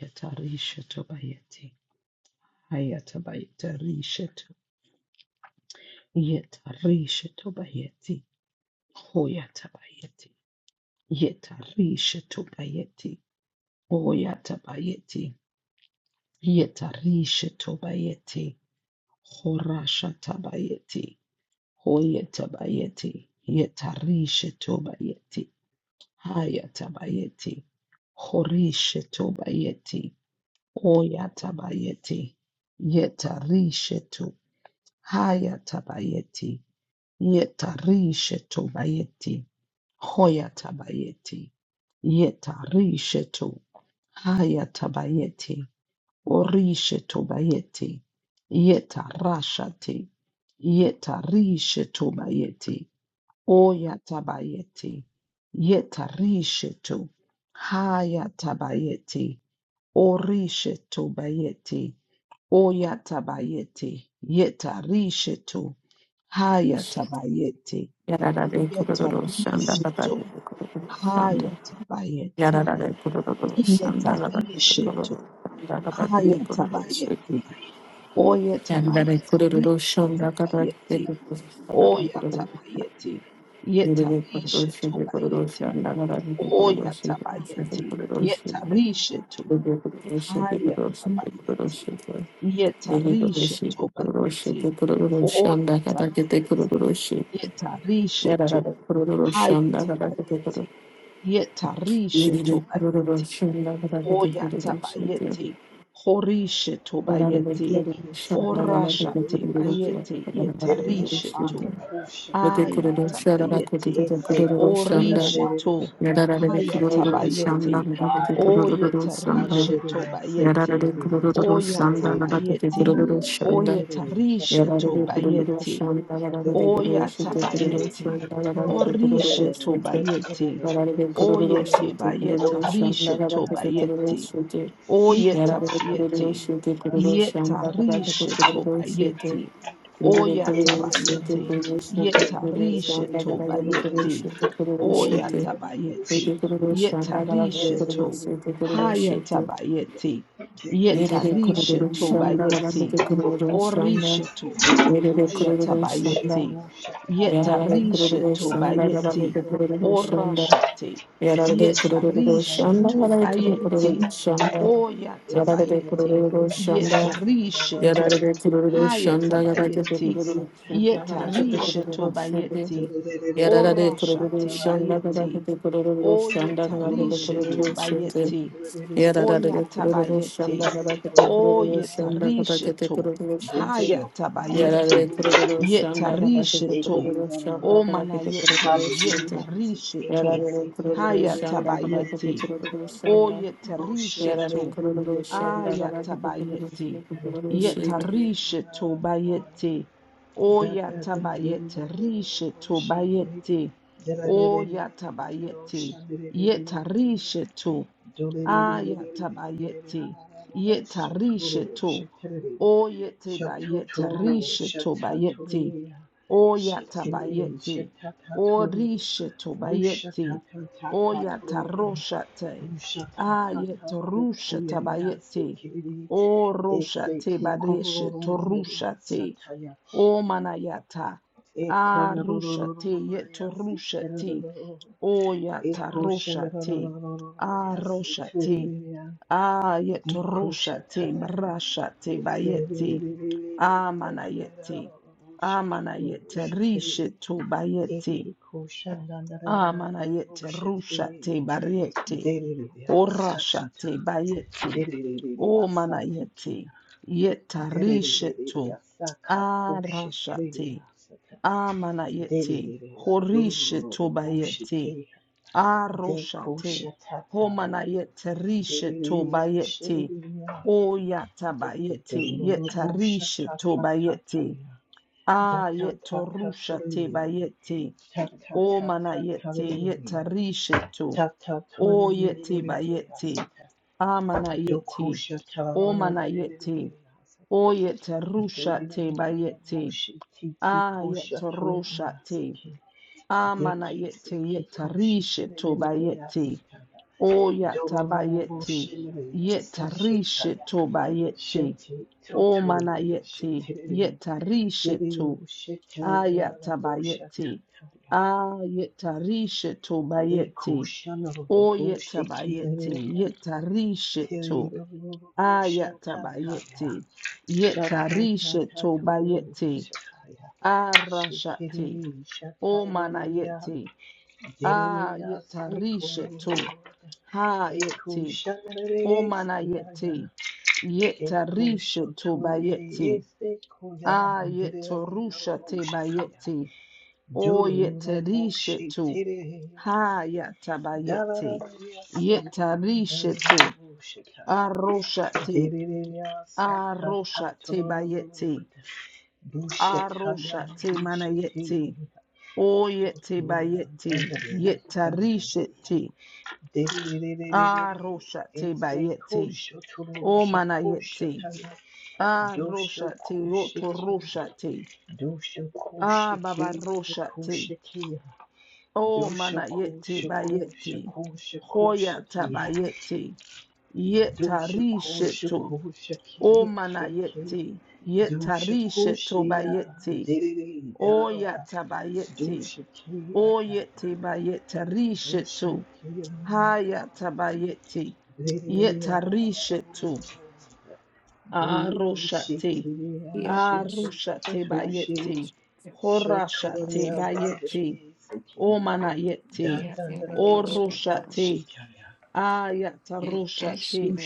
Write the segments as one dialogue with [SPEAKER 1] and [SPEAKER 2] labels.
[SPEAKER 1] Yetarisha Tobayeti. Hayatabayeta Rishetu. Yetarisha Tobayeti. Hoyatabayeti. Yetarisha Tobayeti. Hoyatabayeti. Yetarisha Tobayeti. Horasha Tabayeti. Hoyatabayeti. Yetarisha Tobayeti. Hayatabayeti. Horisha Tobayeti. Oyatabayeti. Yetarisha Haya tabayeti, yetarishe tobayeti, hoya tabayeti, yetarishe to, haya tabayeti, orishe tobayeti, yetarashati, yetarishe tobayeti, oya tabayeti, yetarishe to, haya tabayeti, orishe tobayeti, oya tabayeti, yetarishe to, Haya tabayeti,
[SPEAKER 2] Yararare
[SPEAKER 1] Yeta
[SPEAKER 2] kururu shanda
[SPEAKER 1] rishetu.
[SPEAKER 2] labade kururu shanda.
[SPEAKER 1] Haya tabayeti,
[SPEAKER 2] Yararare kururu shanda
[SPEAKER 1] Yeta
[SPEAKER 2] labade kururu
[SPEAKER 1] rishetu.
[SPEAKER 2] shanda labade
[SPEAKER 1] Haya
[SPEAKER 2] kururu shanda.
[SPEAKER 1] tabayeti, Oya
[SPEAKER 2] Yandare
[SPEAKER 1] tabayete.
[SPEAKER 2] kururu
[SPEAKER 1] Rishetu
[SPEAKER 2] shanda labade
[SPEAKER 1] bayeti.
[SPEAKER 2] kururu shanda
[SPEAKER 1] Oya
[SPEAKER 2] labade
[SPEAKER 1] tabayeti, Yeta
[SPEAKER 2] Yirire kururu
[SPEAKER 1] rishetu
[SPEAKER 2] shanda kururu
[SPEAKER 1] bayeti.
[SPEAKER 2] shanda labade kururu
[SPEAKER 1] Oya
[SPEAKER 2] shanda shanda
[SPEAKER 1] tabayeti,
[SPEAKER 2] kururu
[SPEAKER 1] Yeta
[SPEAKER 2] shanda.
[SPEAKER 1] rishetu.
[SPEAKER 2] Yirire kururu shanda
[SPEAKER 1] Haya
[SPEAKER 2] kururu shanda kururu
[SPEAKER 1] tabayeti.
[SPEAKER 2] shanda. Yirire kururu
[SPEAKER 1] Yetarishe
[SPEAKER 2] shanda kururu
[SPEAKER 1] tobayeti.
[SPEAKER 2] shanda kururu shanda
[SPEAKER 1] Oya
[SPEAKER 2] labade
[SPEAKER 1] tabayeti.
[SPEAKER 2] kururu shanda.
[SPEAKER 1] Yetarishe to.
[SPEAKER 2] Yararare kururu
[SPEAKER 1] Haya
[SPEAKER 2] shanda labade kururu
[SPEAKER 1] tabayeti. Yetarishe
[SPEAKER 2] Yedili kurulur
[SPEAKER 1] tobayeti.
[SPEAKER 2] şunda kadar Yarare
[SPEAKER 1] Oya tabayeti. Horishe
[SPEAKER 2] şimdi.
[SPEAKER 3] de
[SPEAKER 1] tobayeti.
[SPEAKER 2] kururu şutu kururu
[SPEAKER 3] kisa
[SPEAKER 1] Orasha
[SPEAKER 2] şanda
[SPEAKER 3] totoruru
[SPEAKER 2] kadar götürdüm
[SPEAKER 3] ushi
[SPEAKER 1] bayeti.
[SPEAKER 2] kadar
[SPEAKER 3] derere
[SPEAKER 1] Yetarish.
[SPEAKER 2] baktım şimdi.
[SPEAKER 3] anda kosha
[SPEAKER 2] Yedi
[SPEAKER 3] kama
[SPEAKER 1] Aya
[SPEAKER 2] kurulur şarara
[SPEAKER 1] tabayeti.
[SPEAKER 2] kurulur
[SPEAKER 3] ese
[SPEAKER 2] kurulur
[SPEAKER 3] kosha
[SPEAKER 2] şunda.
[SPEAKER 1] Orish.
[SPEAKER 3] derere
[SPEAKER 2] Yarar da
[SPEAKER 3] ushi
[SPEAKER 1] Haya
[SPEAKER 2] kurulur
[SPEAKER 3] kiti
[SPEAKER 1] tabayeti.
[SPEAKER 2] şunda
[SPEAKER 3] kumi
[SPEAKER 2] kadar kurulur şunda.
[SPEAKER 1] Oyetarishe
[SPEAKER 3] adoruru ya se
[SPEAKER 1] bayeti.
[SPEAKER 2] Yarar da
[SPEAKER 3] terere she
[SPEAKER 2] kurulur şunda
[SPEAKER 3] terere
[SPEAKER 2] kadar
[SPEAKER 1] ti
[SPEAKER 2] kurulur
[SPEAKER 3] she
[SPEAKER 2] şunda.
[SPEAKER 1] oye
[SPEAKER 3] terere she
[SPEAKER 1] tarishe
[SPEAKER 2] Yarar
[SPEAKER 3] terere
[SPEAKER 1] to
[SPEAKER 2] da kurulur
[SPEAKER 3] asata
[SPEAKER 1] bayeti
[SPEAKER 2] şunda kadar
[SPEAKER 3] derere
[SPEAKER 2] kurulur
[SPEAKER 1] oya
[SPEAKER 3] she
[SPEAKER 2] şunda
[SPEAKER 1] tabaye
[SPEAKER 3] terere
[SPEAKER 2] kurulur şunda
[SPEAKER 3] oh
[SPEAKER 2] kadar
[SPEAKER 1] orishe
[SPEAKER 2] kurulur
[SPEAKER 3] derere
[SPEAKER 1] to
[SPEAKER 2] şunda.
[SPEAKER 1] bayeti
[SPEAKER 3] derere
[SPEAKER 2] Yarar da
[SPEAKER 3] she
[SPEAKER 1] oye
[SPEAKER 2] kurulur
[SPEAKER 3] terere
[SPEAKER 2] şunda kurulur
[SPEAKER 1] tarishe
[SPEAKER 3] doko
[SPEAKER 2] şunda
[SPEAKER 1] to
[SPEAKER 3] shaka
[SPEAKER 2] kadar
[SPEAKER 1] bayeti
[SPEAKER 2] kururu
[SPEAKER 3] kaka
[SPEAKER 2] şutu.
[SPEAKER 1] oye
[SPEAKER 3] iko
[SPEAKER 2] Yararlı kurulu
[SPEAKER 3] shamere
[SPEAKER 2] şirketi kurulu
[SPEAKER 3] asata
[SPEAKER 2] şamba kadar
[SPEAKER 3] asata
[SPEAKER 2] hep
[SPEAKER 1] yetarishe
[SPEAKER 3] asata
[SPEAKER 2] kurulu şirketi
[SPEAKER 1] bayeti
[SPEAKER 2] kurulu
[SPEAKER 1] oya
[SPEAKER 3] It's
[SPEAKER 2] kurulu şirketi kurulu şirketi kurulu
[SPEAKER 1] yetarishe
[SPEAKER 2] şamba
[SPEAKER 1] to
[SPEAKER 2] kadar hep
[SPEAKER 1] bayeti
[SPEAKER 2] kurulu şirketi kurulu
[SPEAKER 1] oya
[SPEAKER 2] şirketi
[SPEAKER 1] ti
[SPEAKER 2] kurulu kurulu şamba kadar hep
[SPEAKER 1] yetarishe to
[SPEAKER 2] kurulu şirketi kurulu
[SPEAKER 1] haya
[SPEAKER 2] şirketi
[SPEAKER 1] tabayeti
[SPEAKER 2] Nerede
[SPEAKER 1] yetarishe
[SPEAKER 2] kurulu
[SPEAKER 1] to ba
[SPEAKER 2] şamba kadar hep kurulu şamba
[SPEAKER 1] orishe
[SPEAKER 2] Nerede kurulu
[SPEAKER 1] tabayeti
[SPEAKER 2] şamba Yararlı
[SPEAKER 1] yetarishe
[SPEAKER 2] kurulu
[SPEAKER 1] to
[SPEAKER 2] şamba kadar
[SPEAKER 1] bayeti
[SPEAKER 2] hep kurulu şamba
[SPEAKER 1] orasha
[SPEAKER 2] Yararlı kurulu
[SPEAKER 1] yetarishe
[SPEAKER 2] şamba kadar hep
[SPEAKER 1] Bayeti,
[SPEAKER 2] kurulu şamba
[SPEAKER 1] Oyataba,
[SPEAKER 2] Yararlı kurulu
[SPEAKER 1] Yet
[SPEAKER 2] şamba
[SPEAKER 1] Ishit,
[SPEAKER 2] Yararlı kurulu şanda
[SPEAKER 1] Hayataba, Yet
[SPEAKER 2] yararlı kurulu şanda yararlı kurulu şanda
[SPEAKER 1] Bayeti,
[SPEAKER 2] yararlı kurulu şanda yararlı kurulu
[SPEAKER 1] Te
[SPEAKER 2] şanda yararlı
[SPEAKER 1] Bayeti,
[SPEAKER 2] kurulu şanda yararlı
[SPEAKER 1] Oyetarishiti,
[SPEAKER 3] Hallelujah, Jesus.
[SPEAKER 2] kurulu şanda yararlı kurulu şanda yararlı kurulu şanda
[SPEAKER 1] Oyatabayeti,
[SPEAKER 2] yararlı kurulu şanda yararlı kurulu şanda yararlı kurulu şanda yararlı kurulu şanda yararlı kurulu şanda yararlı
[SPEAKER 1] O Tarishitu, Hayatabayet,
[SPEAKER 2] kurulu şanda
[SPEAKER 1] Tarishitu, O Manayet, rishetu, Hayati, Oyetarish,
[SPEAKER 3] Bullshit.
[SPEAKER 2] yararlı
[SPEAKER 1] Hayabayeti,
[SPEAKER 2] kurulu şanda
[SPEAKER 1] Yetarishitu Bayeti, rishe to bayete O tabayete. Yeta rishe to.
[SPEAKER 3] Eko
[SPEAKER 1] Ayete. Yeta rishe to. O yete bayete. Bayete. O yata bayete. O rishe to bayete O yata roshate. Ayete rushatabete. O roshate bade rushate. O manayata. Aru yeto rushet. O yata aroshate. Ayet rote
[SPEAKER 3] Deko shatata
[SPEAKER 1] marashate
[SPEAKER 3] ya,
[SPEAKER 1] bayet amanayete amanayete rishetu bayete amanayete rushate barete orashate bayete o manayet yetarish arate amanayete horishetu bayet arosha homanayete rishet
[SPEAKER 3] deliriyo sheliriyo,
[SPEAKER 1] oyata bayete
[SPEAKER 3] Busha ta
[SPEAKER 1] yetu
[SPEAKER 3] ta ta
[SPEAKER 1] bayete
[SPEAKER 3] ta ya. Da ta
[SPEAKER 1] ayet
[SPEAKER 3] ta ta turiliya.
[SPEAKER 1] bayete
[SPEAKER 3] Ta ta
[SPEAKER 1] O
[SPEAKER 3] ta
[SPEAKER 1] mana
[SPEAKER 3] ta ta
[SPEAKER 1] yete yeta
[SPEAKER 3] turiliya.
[SPEAKER 1] rishetu.
[SPEAKER 3] Ta ta
[SPEAKER 1] O yete ba
[SPEAKER 3] turiliya
[SPEAKER 1] yete.
[SPEAKER 3] sata.
[SPEAKER 1] Amana ye.
[SPEAKER 3] Dokusha ta
[SPEAKER 1] O
[SPEAKER 3] la la
[SPEAKER 1] mana yete.
[SPEAKER 3] turiliya sata.
[SPEAKER 1] O yeta rushate
[SPEAKER 3] Deliliya
[SPEAKER 1] yete.
[SPEAKER 3] bushi ti ki
[SPEAKER 1] A ye-
[SPEAKER 3] kusha turiliya
[SPEAKER 1] roshate.
[SPEAKER 3] sata.
[SPEAKER 1] Amana
[SPEAKER 3] Deki
[SPEAKER 1] yete
[SPEAKER 3] se ki
[SPEAKER 1] yeta
[SPEAKER 3] kushi
[SPEAKER 1] rishetu ba
[SPEAKER 3] turiliya
[SPEAKER 1] yete.
[SPEAKER 3] sata.
[SPEAKER 1] O yata ba
[SPEAKER 3] Dororo bushi ya. Se
[SPEAKER 1] yeta
[SPEAKER 3] sheta
[SPEAKER 1] rishet
[SPEAKER 3] ya.
[SPEAKER 1] to bayete.
[SPEAKER 3] Sheti
[SPEAKER 1] O
[SPEAKER 3] tutu.
[SPEAKER 1] mana yete
[SPEAKER 3] şeti
[SPEAKER 1] yeta rishetu.
[SPEAKER 3] Deviyo
[SPEAKER 1] A
[SPEAKER 3] şekerlere
[SPEAKER 1] yata ba yete.
[SPEAKER 3] boşa tataya.
[SPEAKER 1] A yeta rishetu ba yete.
[SPEAKER 3] Eko şanova
[SPEAKER 1] O
[SPEAKER 3] boşa
[SPEAKER 1] yeta bayet.
[SPEAKER 3] kirlere.
[SPEAKER 1] rishetu.
[SPEAKER 3] Teviyo boşa
[SPEAKER 1] Ayatabayete. Yetarishe tobayete.
[SPEAKER 3] Shakaya
[SPEAKER 1] Arashte.
[SPEAKER 3] Shikiri
[SPEAKER 1] Omanaye.
[SPEAKER 3] Shatairiya Giriya
[SPEAKER 1] Arishe
[SPEAKER 3] Sekoya
[SPEAKER 1] to. Hayet.
[SPEAKER 3] Eku Shanare Sayaya
[SPEAKER 1] Omanayete.
[SPEAKER 3] Eku
[SPEAKER 1] Rishe tobayet.
[SPEAKER 3] Shoturiri Sekoya
[SPEAKER 1] Ayetorusha
[SPEAKER 3] Direhundarabu
[SPEAKER 1] tebayet.
[SPEAKER 3] Shakaya
[SPEAKER 1] Oye.
[SPEAKER 3] Durur bu
[SPEAKER 1] Rish.
[SPEAKER 3] şekeri
[SPEAKER 1] Hayatabayet.
[SPEAKER 3] Dalarayasa
[SPEAKER 1] Yetarishe
[SPEAKER 3] kandırı
[SPEAKER 1] to.
[SPEAKER 3] bu şekaya
[SPEAKER 1] Arosha te.
[SPEAKER 3] Deririyasa
[SPEAKER 1] Arosha
[SPEAKER 3] kakaturu
[SPEAKER 1] tebayete.
[SPEAKER 3] Bu
[SPEAKER 1] Arte
[SPEAKER 3] şekaya bu şekeri
[SPEAKER 1] manayete. Oyete
[SPEAKER 3] Tutuya
[SPEAKER 1] bayete.
[SPEAKER 3] dandırıya dandırıya
[SPEAKER 1] Tarisheti.
[SPEAKER 3] Deririririririri
[SPEAKER 1] Aroshate
[SPEAKER 3] Ese
[SPEAKER 1] bayeti.
[SPEAKER 3] koşu
[SPEAKER 1] O
[SPEAKER 3] turuşu
[SPEAKER 1] manayet.
[SPEAKER 3] koşataya
[SPEAKER 1] Aroshate
[SPEAKER 3] Doşu koşu ki
[SPEAKER 1] yotoshate.
[SPEAKER 3] Doşu
[SPEAKER 1] Ah
[SPEAKER 3] koşu
[SPEAKER 1] baba
[SPEAKER 3] ki
[SPEAKER 1] roshate.
[SPEAKER 3] Koşu ki
[SPEAKER 1] O
[SPEAKER 3] Duşa koşa
[SPEAKER 1] manabayet.
[SPEAKER 3] koşa koşa koşa
[SPEAKER 1] Hoya
[SPEAKER 3] ki
[SPEAKER 1] tabayeti.
[SPEAKER 3] Duşa
[SPEAKER 1] Yetarishet.
[SPEAKER 3] koşa koşa ki
[SPEAKER 1] O
[SPEAKER 3] ki ki
[SPEAKER 1] manayeti.
[SPEAKER 3] Duşa
[SPEAKER 1] Yetarish
[SPEAKER 3] koşa ya
[SPEAKER 1] bayeti.
[SPEAKER 3] deri da
[SPEAKER 1] O yabayeti.
[SPEAKER 3] Duşa ki ya
[SPEAKER 1] O
[SPEAKER 3] da da
[SPEAKER 1] yeti
[SPEAKER 3] Duşa
[SPEAKER 1] bayetarishetu.
[SPEAKER 3] ki ya
[SPEAKER 1] Haya tabayeti.
[SPEAKER 3] deri ya
[SPEAKER 1] Arishetu. Aroti.
[SPEAKER 3] Duşa ki ya şiti
[SPEAKER 1] Arushate bayet
[SPEAKER 3] Tuşi
[SPEAKER 1] horash
[SPEAKER 3] şoçuru ya bandere ki Dan
[SPEAKER 1] omanayete
[SPEAKER 3] dan dan dan dan
[SPEAKER 1] oroshate
[SPEAKER 3] dan
[SPEAKER 1] ayatarushate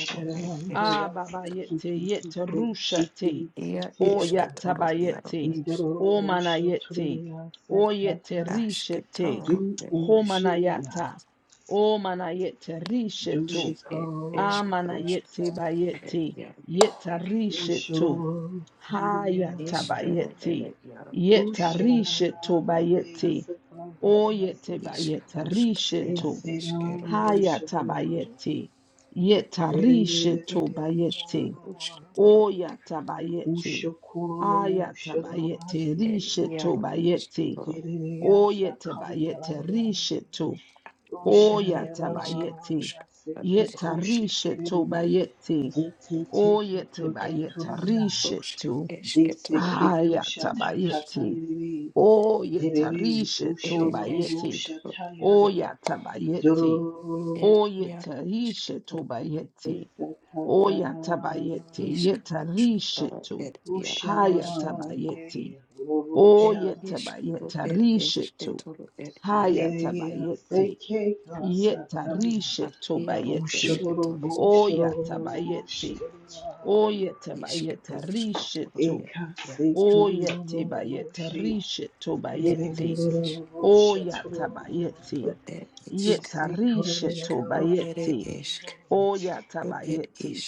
[SPEAKER 1] ababayete yeterush oyatabayete omanayete oyete
[SPEAKER 3] Ushara
[SPEAKER 1] rishete homanayat omanayete rishetu amanayete bayete Yet Haya tabayeti. Yeta rishe to bayeti. O yete bayeta rishe to. Haya tabayeti. Yeta rishe to bayeti. O yata
[SPEAKER 3] ki, ya
[SPEAKER 1] bayeti.
[SPEAKER 3] Ushakururu
[SPEAKER 1] Te rishe
[SPEAKER 3] ushadavasikias.
[SPEAKER 1] to bayeti. O yete bayete
[SPEAKER 3] Jiriyasakalayaya.
[SPEAKER 1] rishe to. O ya yeta rishe to
[SPEAKER 3] Ushadavasikikushitiriri.
[SPEAKER 1] bayeti. O yete bayeta
[SPEAKER 3] Jitititutututuruya.
[SPEAKER 1] rishe to. Haya bayeti.
[SPEAKER 3] Jisikikushatatatayiriri.
[SPEAKER 1] O yeta.
[SPEAKER 3] Jiriri ushururu ushataya.
[SPEAKER 1] O yata bayeti.
[SPEAKER 3] Jurururu
[SPEAKER 1] Oyeta rishetu bayeti. Oyata
[SPEAKER 3] ushatatana.
[SPEAKER 1] bayeti. Yeta rishetu. Hayat.
[SPEAKER 3] Ushalalaya. Urusha.
[SPEAKER 1] Oyeta bayeta rishetu. Hayatati.
[SPEAKER 3] Ushikiki
[SPEAKER 1] Yeta rishetu bayet. Oya. Oyeta bayeta rishetu. Oyeta rishetu bayet. Oyati. Yeta rishetu bayeti. Oyata bayeti.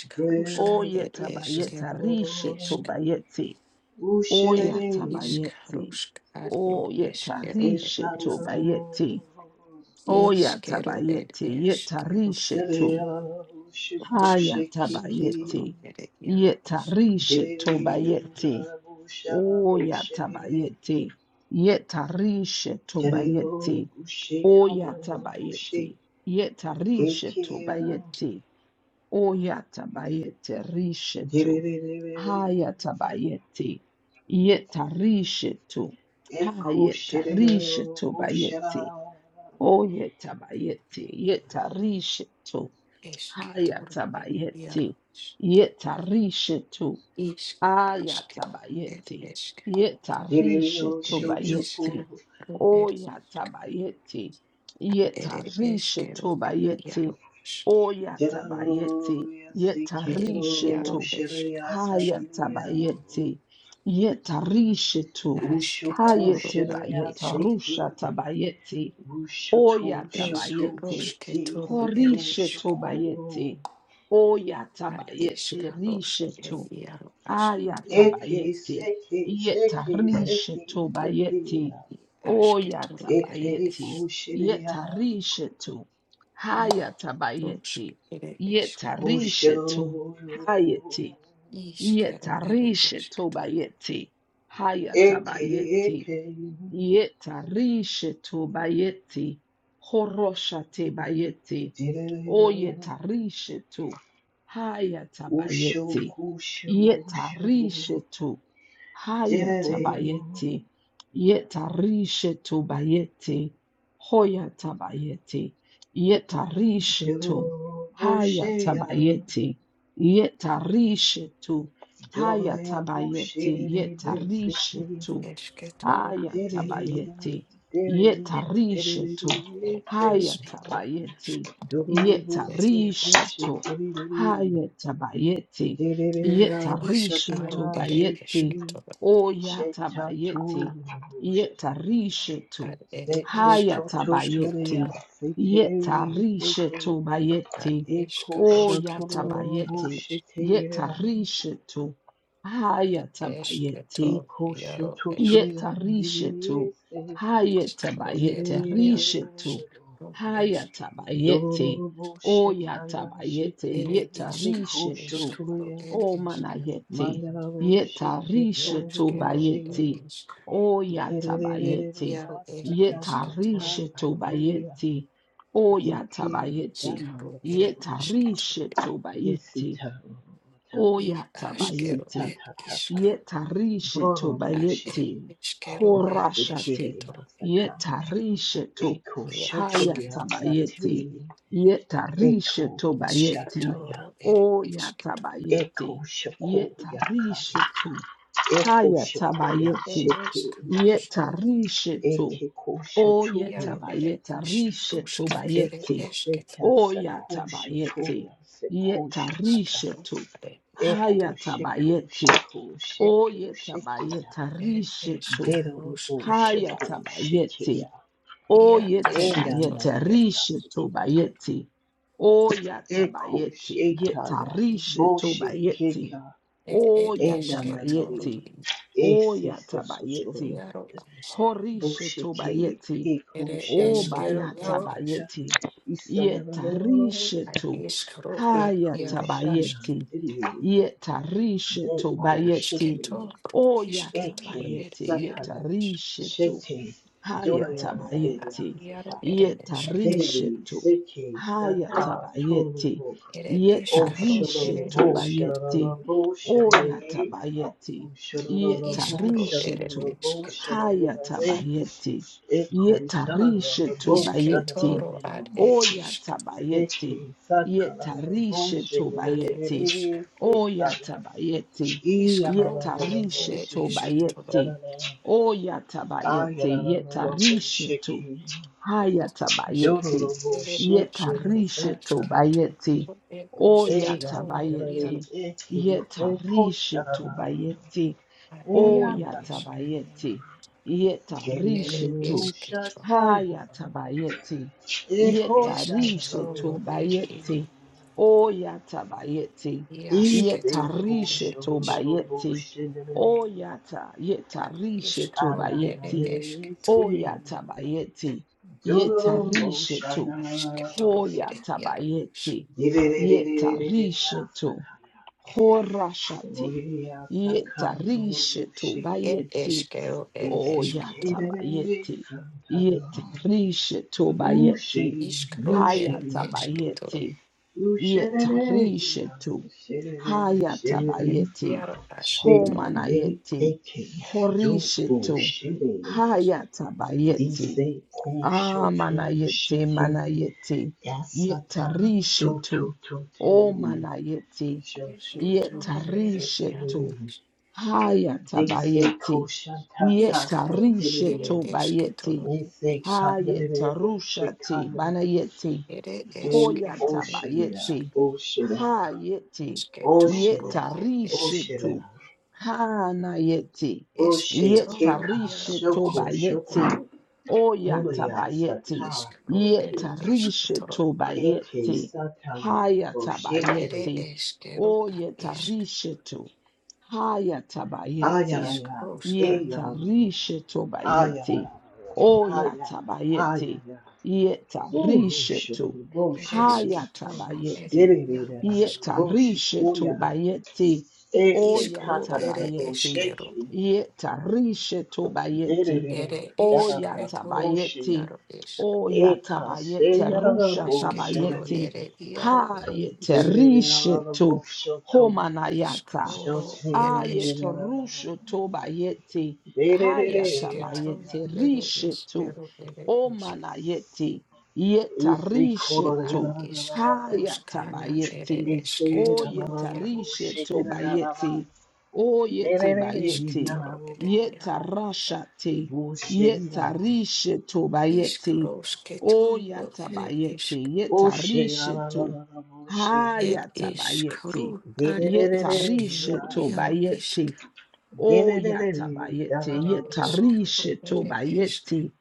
[SPEAKER 1] Tabayeta rishetu bayeti. yeti. Oh, yetarishe bayet. Oh, yatabayeti. Yetarishe tu. Haya. Yetarishe
[SPEAKER 3] Delirium,
[SPEAKER 1] te Oh, yatabayeti. Yetarishe tu bayet. Oh, yateti. Yetarishe te Oh, yatabayeti. Rishe tu. Haya tabayeti. Yetarishe tu. Haya. Rishe bayet. Oh, yetabayeti. Yetarishe tu. Hayatabayeti. Yetarishetu. Ayatabayeti. Yetarish. Oyatabayeti. Yetarishetu bayeti. Oyata. Yetarish. Hayatabayeti. Yetarishetu. Hayarushabayeti. Oyat. Horishetu bayeti. Oyatabayeti. Rishetu. Ayatabayeti.
[SPEAKER 3] Eke seke seke seke seke ya.
[SPEAKER 1] Oyatabayeti.
[SPEAKER 3] Eke koşere ya.
[SPEAKER 1] Rishetu Hayatabayeti Yetarish
[SPEAKER 3] Uşalı boyu.
[SPEAKER 1] Hayeti Yetarishetu Bayeti Hayataba
[SPEAKER 3] Eke eke.
[SPEAKER 1] Yetarishetu Bayeti Horoshate Bayeti O
[SPEAKER 3] Direla.
[SPEAKER 1] Yetarishetu Hayatabayeti
[SPEAKER 3] Uşu kuşu uşu.
[SPEAKER 1] Yetarishetu Hayati
[SPEAKER 3] Direle.
[SPEAKER 1] Yetarishetu Bayeti Hoyatabayeti Yetarishetu
[SPEAKER 3] Dilo
[SPEAKER 1] hayatabayeti
[SPEAKER 3] boşe ya.
[SPEAKER 1] Yeti, yetarishe tu,
[SPEAKER 3] Dilo
[SPEAKER 1] hayatishe,
[SPEAKER 3] ya boşe. Direle seke ya.
[SPEAKER 1] hayata,
[SPEAKER 3] Direle ya. Direle.
[SPEAKER 1] yetarishe,
[SPEAKER 3] Direle.
[SPEAKER 1] hayatabayeti,
[SPEAKER 3] Dururu bu şu
[SPEAKER 1] yerish,
[SPEAKER 3] kuş şekeri,
[SPEAKER 1] hayatabayeti,
[SPEAKER 3] derere ya
[SPEAKER 1] ishe,
[SPEAKER 3] şadınara
[SPEAKER 1] bayet,
[SPEAKER 3] şekeri, şeta
[SPEAKER 1] oyatabayet,
[SPEAKER 3] turu bu şatara,
[SPEAKER 1] yetarishe tu,
[SPEAKER 3] sete to to
[SPEAKER 1] hayatabayet,
[SPEAKER 3] tureya,
[SPEAKER 1] yetishe
[SPEAKER 3] seteri sete,
[SPEAKER 1] tu, bayeti,
[SPEAKER 3] eko
[SPEAKER 1] oya,
[SPEAKER 3] şaturu bu şeteri,
[SPEAKER 1] yetarishe tu, hayatabayeti,
[SPEAKER 3] eko şotu tureya,
[SPEAKER 1] yetarish,
[SPEAKER 3] derere se,
[SPEAKER 1] hayatabayeti,
[SPEAKER 3] derere
[SPEAKER 1] Hayatabayet,
[SPEAKER 3] Dororo bu
[SPEAKER 1] Oyabayete,
[SPEAKER 3] şetaya şete,
[SPEAKER 1] Yetarish,
[SPEAKER 3] keko şotureya,
[SPEAKER 1] Omanayete,
[SPEAKER 3] Mandarabushe
[SPEAKER 1] Yetarish
[SPEAKER 3] tetorobushe
[SPEAKER 1] Tobayet, Oyata,
[SPEAKER 3] dererere asatatata
[SPEAKER 1] Yetarish Tobayet,
[SPEAKER 3] totoya dike
[SPEAKER 1] Oyatabayete,
[SPEAKER 3] danandarabushe
[SPEAKER 1] Yetarish Tobayet,
[SPEAKER 3] isitarobota
[SPEAKER 1] Oyatabayet,
[SPEAKER 3] isitatatata
[SPEAKER 1] Yetarish
[SPEAKER 3] brorobushe
[SPEAKER 1] Tobayete,
[SPEAKER 3] te
[SPEAKER 1] Horashat,
[SPEAKER 3] masekere asaka
[SPEAKER 1] Yetarish
[SPEAKER 3] eko shotore
[SPEAKER 1] Tobayete,
[SPEAKER 3] asatiri eko
[SPEAKER 1] Yetarish Tobayet,
[SPEAKER 3] shataya
[SPEAKER 1] Oyatabayete,
[SPEAKER 3] eko shakoya
[SPEAKER 1] Rish.
[SPEAKER 3] kaya eko shakoya shete
[SPEAKER 1] yetarishetu
[SPEAKER 3] Eke
[SPEAKER 1] oye
[SPEAKER 3] koshotuya seke.
[SPEAKER 1] yetarishetu bayet
[SPEAKER 3] Eke seka
[SPEAKER 1] oyat
[SPEAKER 3] sakoshotuya sekoshakaya.
[SPEAKER 1] yetarishetu
[SPEAKER 3] Eko sheko
[SPEAKER 1] hayatabayeti
[SPEAKER 3] sheko sheko shekia.
[SPEAKER 1] oyetarishetu
[SPEAKER 3] Dedo robo sheko
[SPEAKER 1] hayatabayeti
[SPEAKER 3] shekia. Enda nanaria
[SPEAKER 1] oyetarishetu
[SPEAKER 3] seke.
[SPEAKER 1] bayeti
[SPEAKER 3] Eko shetaya.
[SPEAKER 1] oyatarishetu
[SPEAKER 3] Boshe keka.
[SPEAKER 1] oyat
[SPEAKER 3] Enda nanari.
[SPEAKER 1] oy
[SPEAKER 3] Esi sosoro. Boshe
[SPEAKER 1] horishetu bayet
[SPEAKER 3] ke. Eko
[SPEAKER 1] obatabayeti
[SPEAKER 3] shanarata.
[SPEAKER 1] yetarishetu
[SPEAKER 3] İsanaros eko
[SPEAKER 1] hayatabayeti
[SPEAKER 3] şanandri
[SPEAKER 1] tarishe to
[SPEAKER 3] deko
[SPEAKER 1] bayeti
[SPEAKER 3] şekri
[SPEAKER 1] oyata
[SPEAKER 3] eke
[SPEAKER 1] te
[SPEAKER 3] satala
[SPEAKER 1] yetarishe to
[SPEAKER 3] şete
[SPEAKER 1] hayat
[SPEAKER 3] dorayandriya sata
[SPEAKER 1] yetarish
[SPEAKER 3] dereli seke
[SPEAKER 1] hayat
[SPEAKER 3] sata
[SPEAKER 1] yet
[SPEAKER 3] turulu o
[SPEAKER 1] yetari
[SPEAKER 3] şalalı bu şalalı bu
[SPEAKER 1] oyat
[SPEAKER 3] şalalı bu şalalı bu
[SPEAKER 1] yetarish
[SPEAKER 3] şalalı bu
[SPEAKER 1] hayat
[SPEAKER 3] şalalı
[SPEAKER 1] te
[SPEAKER 3] eko
[SPEAKER 1] yarish
[SPEAKER 3] şalalı bu şalalı
[SPEAKER 1] oyata bayeti yetarish oyata bayeti to bayeti oyata bayeti tarish hayata bayeti tarishe to bayeti oyata bayeti yetati bayeti. Yeta rish hayata bayeti.
[SPEAKER 3] Eko
[SPEAKER 1] Rishe to
[SPEAKER 3] şarabı,
[SPEAKER 1] bayeti. Oyata bayeti.
[SPEAKER 3] İse
[SPEAKER 1] Rishe to
[SPEAKER 3] koşulur
[SPEAKER 1] bayeti.
[SPEAKER 3] bu şeyleri.
[SPEAKER 1] Oyata yeta rishe to
[SPEAKER 3] Şey,
[SPEAKER 1] bayeti. Oyata bayeti. Yeta hoyata bayeti. Horashat yeta rishe to bayeti. O yeta rishe to bayeti. Haya bayeti. Yetu. Hom horish hayata bayeti. Amanayeti manayeti.
[SPEAKER 3] Yasaka tu
[SPEAKER 1] Tarishet.
[SPEAKER 3] tu tu
[SPEAKER 1] Omaneti.
[SPEAKER 3] tereri. Şu şu şu şu şu
[SPEAKER 1] Yetarishetu.
[SPEAKER 3] tereri.
[SPEAKER 1] Hayata bayeti.
[SPEAKER 3] Dese koşan ta ta ta tereri.
[SPEAKER 1] Yetarishetu bayeti.
[SPEAKER 3] Ese
[SPEAKER 1] Hayet
[SPEAKER 3] kandere bu şey kandere.
[SPEAKER 1] banayeti. Hoya
[SPEAKER 3] Du o şeria o şeria
[SPEAKER 1] yeti.
[SPEAKER 3] o şeria o
[SPEAKER 1] Yarishet.
[SPEAKER 3] şeria
[SPEAKER 1] Hanayeti.
[SPEAKER 3] o şey keka
[SPEAKER 1] Tarishetoba.
[SPEAKER 3] şoko şoko.
[SPEAKER 1] Oyat.
[SPEAKER 3] Buraya sata niki.
[SPEAKER 1] Yetarishetu bayet.
[SPEAKER 3] Eke sataya bu şey
[SPEAKER 1] Hayata
[SPEAKER 3] tereri.
[SPEAKER 1] O yetarishetu. Hayatabayeti.
[SPEAKER 3] Ay ay ay. Ey yarabbim. Ah,
[SPEAKER 1] Yetarishetobayeti.
[SPEAKER 3] yeah.
[SPEAKER 1] O
[SPEAKER 3] Ah, yeah. Ah,
[SPEAKER 1] yatabayeti.
[SPEAKER 3] yeah, yeah.
[SPEAKER 1] Yetarish.
[SPEAKER 3] Ooh, shitty, bullshit,
[SPEAKER 1] Hayatabayeti.
[SPEAKER 3] Diddy, diddy, bullshit,
[SPEAKER 1] Yetarishetobayeti.
[SPEAKER 3] kuya.
[SPEAKER 1] O
[SPEAKER 3] Ese, kanda, da, da, bullshit,
[SPEAKER 1] yetarishetobayeti.
[SPEAKER 3] diddy, diddy, da,
[SPEAKER 1] O
[SPEAKER 3] da, da, da,
[SPEAKER 1] yabayeti.
[SPEAKER 3] bullshit.
[SPEAKER 1] O
[SPEAKER 3] Eka, se, ya, da, da, bullshit,
[SPEAKER 1] yatabayeti.
[SPEAKER 3] diddy,
[SPEAKER 1] Hayeteritu.
[SPEAKER 3] diddy, da, da, da, bullshit, too.
[SPEAKER 1] Homanayata.
[SPEAKER 3] Shote, diddy, da, da, da, da,
[SPEAKER 1] Ayatobayeti.
[SPEAKER 3] diddy, diddy, ya, ya.
[SPEAKER 1] te rishetu o manayeti yetari
[SPEAKER 3] Ese, kuro, ya, da, da, da, da,
[SPEAKER 1] ha
[SPEAKER 3] da.
[SPEAKER 1] tabayeti o toba o yet yetarashati yetarishe tobayeti o yatabayeti yetari ha yatabayeti tobayeti o yatarishe tobayeti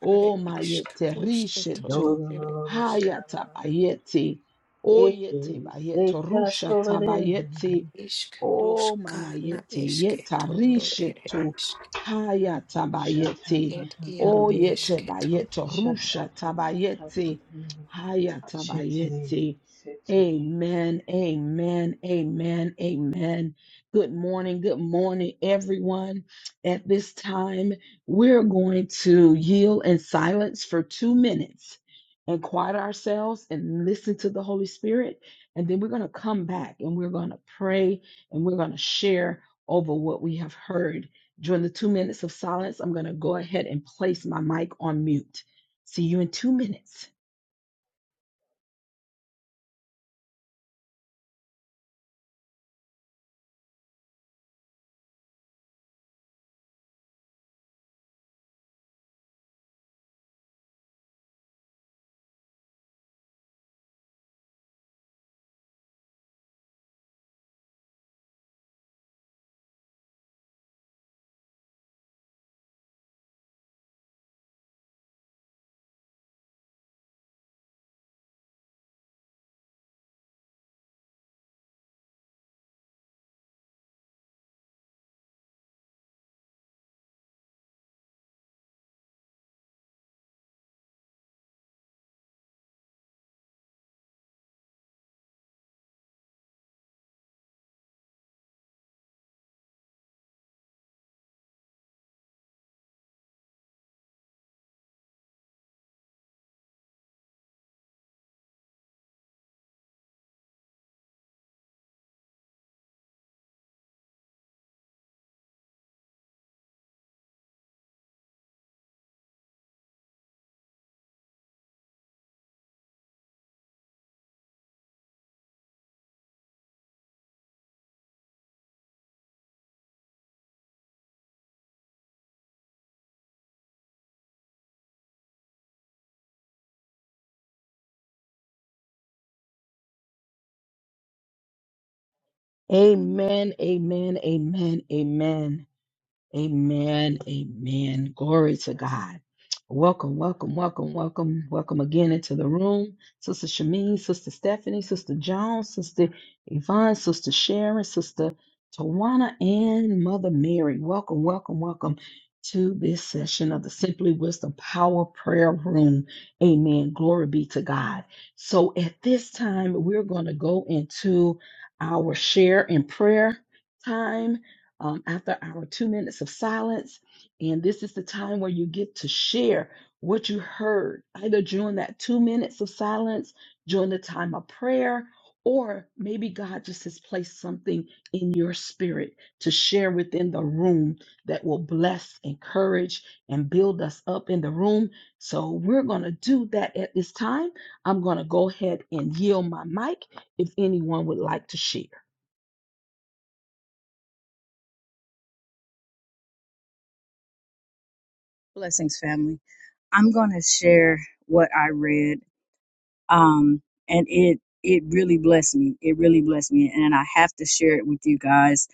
[SPEAKER 1] o mayeterishe to hayatabayeti o ti o manayeti yetarishetu haya
[SPEAKER 3] Shut
[SPEAKER 1] tabayeti
[SPEAKER 3] up,
[SPEAKER 1] o yete bayeto rusha tabayeti haya
[SPEAKER 3] Shetiri,
[SPEAKER 1] tabayeti
[SPEAKER 3] Shetiri,
[SPEAKER 1] Amen, amen, amen, amen. Good morning, good morning, everyone. At this time, we're going to yield in silence for two minutes and quiet ourselves and listen to the Holy Spirit. And then we're going to come back and we're going to pray and we're going to share over what we have heard. During the two minutes of silence, I'm going to go ahead and place my mic on mute. See you in two minutes. Amen, amen, amen, amen. Amen. Amen. Glory to God. Welcome, welcome, welcome, welcome, welcome again into the room. Sister Shamin, Sister Stephanie, Sister Jones, Sister Yvonne, Sister Sharon, Sister Tawana, and Mother Mary. Welcome, welcome, welcome to this session of the Simply Wisdom Power Prayer Room. Amen. Glory be to God. So at this time, we're going to go into our share and prayer time um, after our two minutes of silence. And this is the time where you get to share what you heard, either during that two minutes of silence, during the time of prayer, or maybe God just has placed something in your spirit to share within the room that will bless, encourage, and build us up in the room. So we're going to do that at this time. I'm going to go ahead and yield my mic if anyone would like to share.
[SPEAKER 4] Blessings, family. I'm going to share what I read, um, and it it really blessed me. It really blessed me, and I have to share it with you guys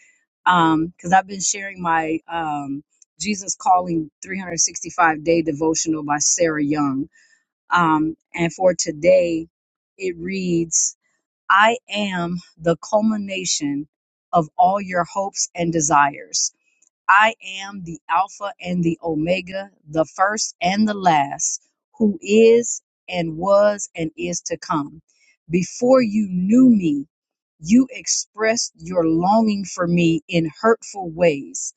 [SPEAKER 4] because I've been sharing my um, Jesus Calling 365 Day Devotional by Sarah Young, um, and for today, it reads, "I am the culmination of all your hopes and desires." I am the Alpha and the Omega, the first and the last, who is and was and is to come. Before you knew me, you expressed your longing for me in hurtful ways.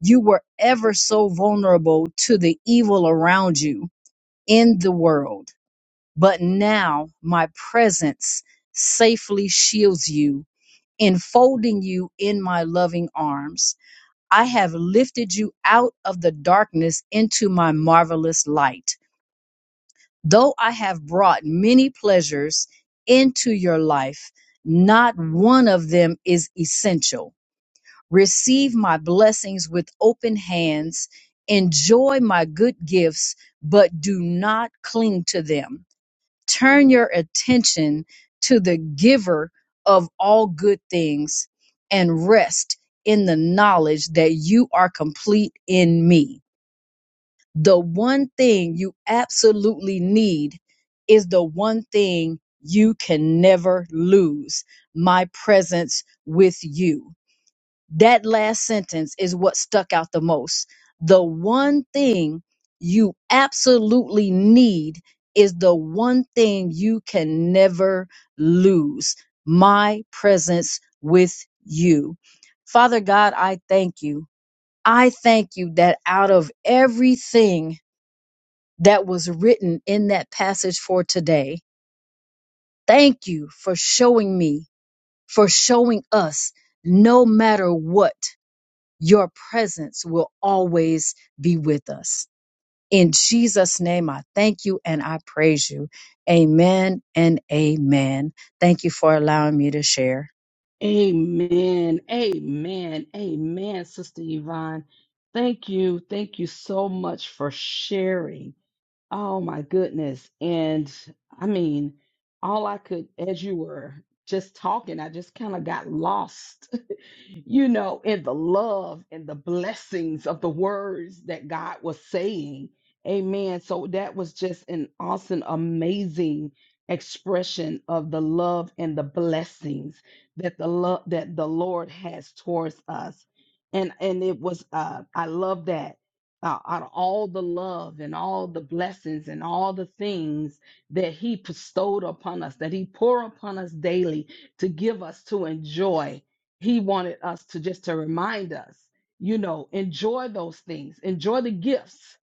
[SPEAKER 4] You were ever so vulnerable to the evil around you in the world. But now my presence safely shields you, enfolding you in my loving arms. I have lifted you out of the darkness into my marvelous light. Though I have brought many pleasures into your life, not one of them is essential. Receive my blessings with open hands. Enjoy my good gifts, but do not cling to them turn your attention to the giver of all good things and rest in the knowledge that you are complete in me. The one thing you absolutely need is the one thing you can never lose my presence with you. That last sentence is what stuck out the most. The one thing you absolutely need is the one thing you can never lose my presence with you. Father God, I thank you. I thank you that out of everything that was written in that passage for today, thank you for showing me, for showing us, no matter what your presence will always be with us. In Jesus' name, I thank you and I praise you. Amen and amen. Thank you for allowing me to share.
[SPEAKER 1] Amen. Amen. Amen, Sister Yvonne. Thank you. Thank you so much for sharing. Oh my goodness. And I mean, all I could, as you were just talking, I just kind of got lost you know, in the love and the blessings of the words that God was saying. Amen. So that was just an awesome, amazing expression of the love and the blessings that the love that the Lord has towards us. And and it was uh I love that. Uh, out of all the love and all the blessings and all the things that he bestowed upon us, that he pour upon us daily to give us to enjoy he wanted us to just to remind us you know enjoy those things enjoy the gifts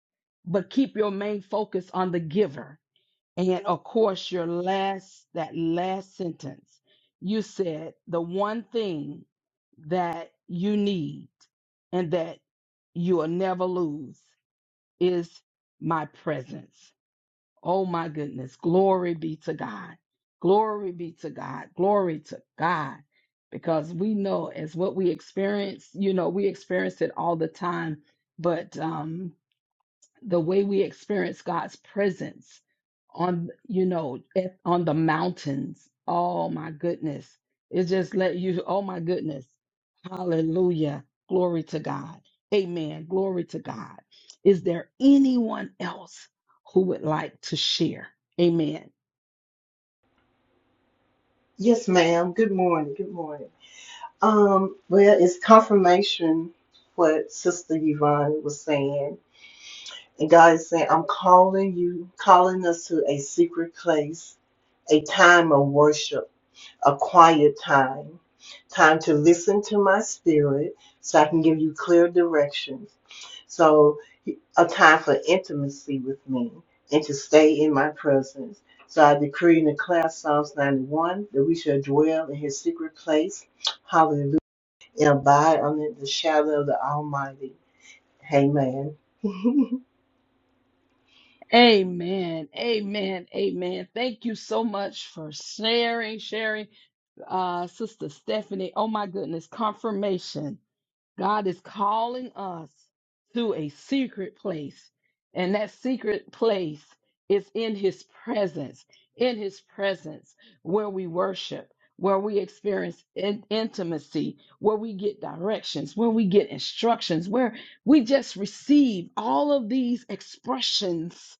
[SPEAKER 1] but keep your main focus on the giver and of course your last that last sentence you said the one thing that you need and that you will never lose is my presence Oh my goodness. Glory be to God. Glory be to God. Glory to God. Because we know as what we experience, you know, we experience it all the time. But um the way we experience God's presence on you know at, on the mountains. Oh my goodness. It just let you oh my goodness. Hallelujah. Glory to God. Amen. Glory to God. Is there anyone else who would like to share? Amen.
[SPEAKER 3] Yes, ma'am. Good morning. Good morning. Um, well, it's confirmation what Sister Yvonne was saying. And God is saying, I'm calling you, calling us to a secret place, a time of worship a quiet time, time to listen to my spirit so I can give you clear directions. So, a time for intimacy with me and to stay in my presence. So, I decree and declare Psalms 91 that we shall dwell in his secret place. Hallelujah. And abide under the shadow of the Almighty. Amen.
[SPEAKER 1] Amen. Amen. Amen. Thank you so much for sharing, sharing. Uh, Sister Stephanie, oh my goodness, confirmation. God is calling us to a secret place. And that secret place is in his presence, in his presence where we worship, where we experience in- intimacy, where we get directions, where we get instructions, where we just receive all of these expressions,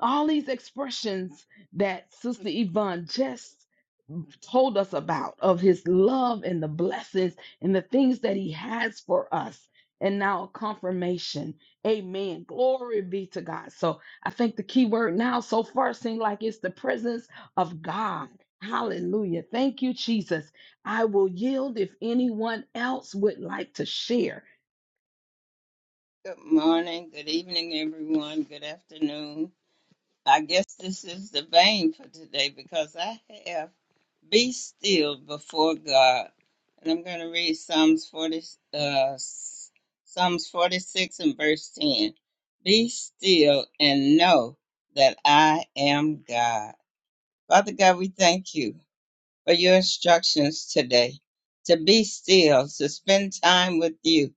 [SPEAKER 1] all these expressions that Sister Yvonne just told us about of his love and the blessings and the things that he has for us. And now a confirmation. Amen. Glory be to God. So I think the key word now so far seems like it's the presence of God. Hallelujah. Thank you, Jesus. I will yield if anyone else would like to share.
[SPEAKER 5] Good morning, good evening, everyone. Good afternoon. I guess this is the vein for today because I have Be Still Before God. And I'm going to read Psalms 40, uh, s- Psalms 46 and verse 10. Be still and know that I am God. Father God, we thank you for your instructions today to be still, to spend time with you,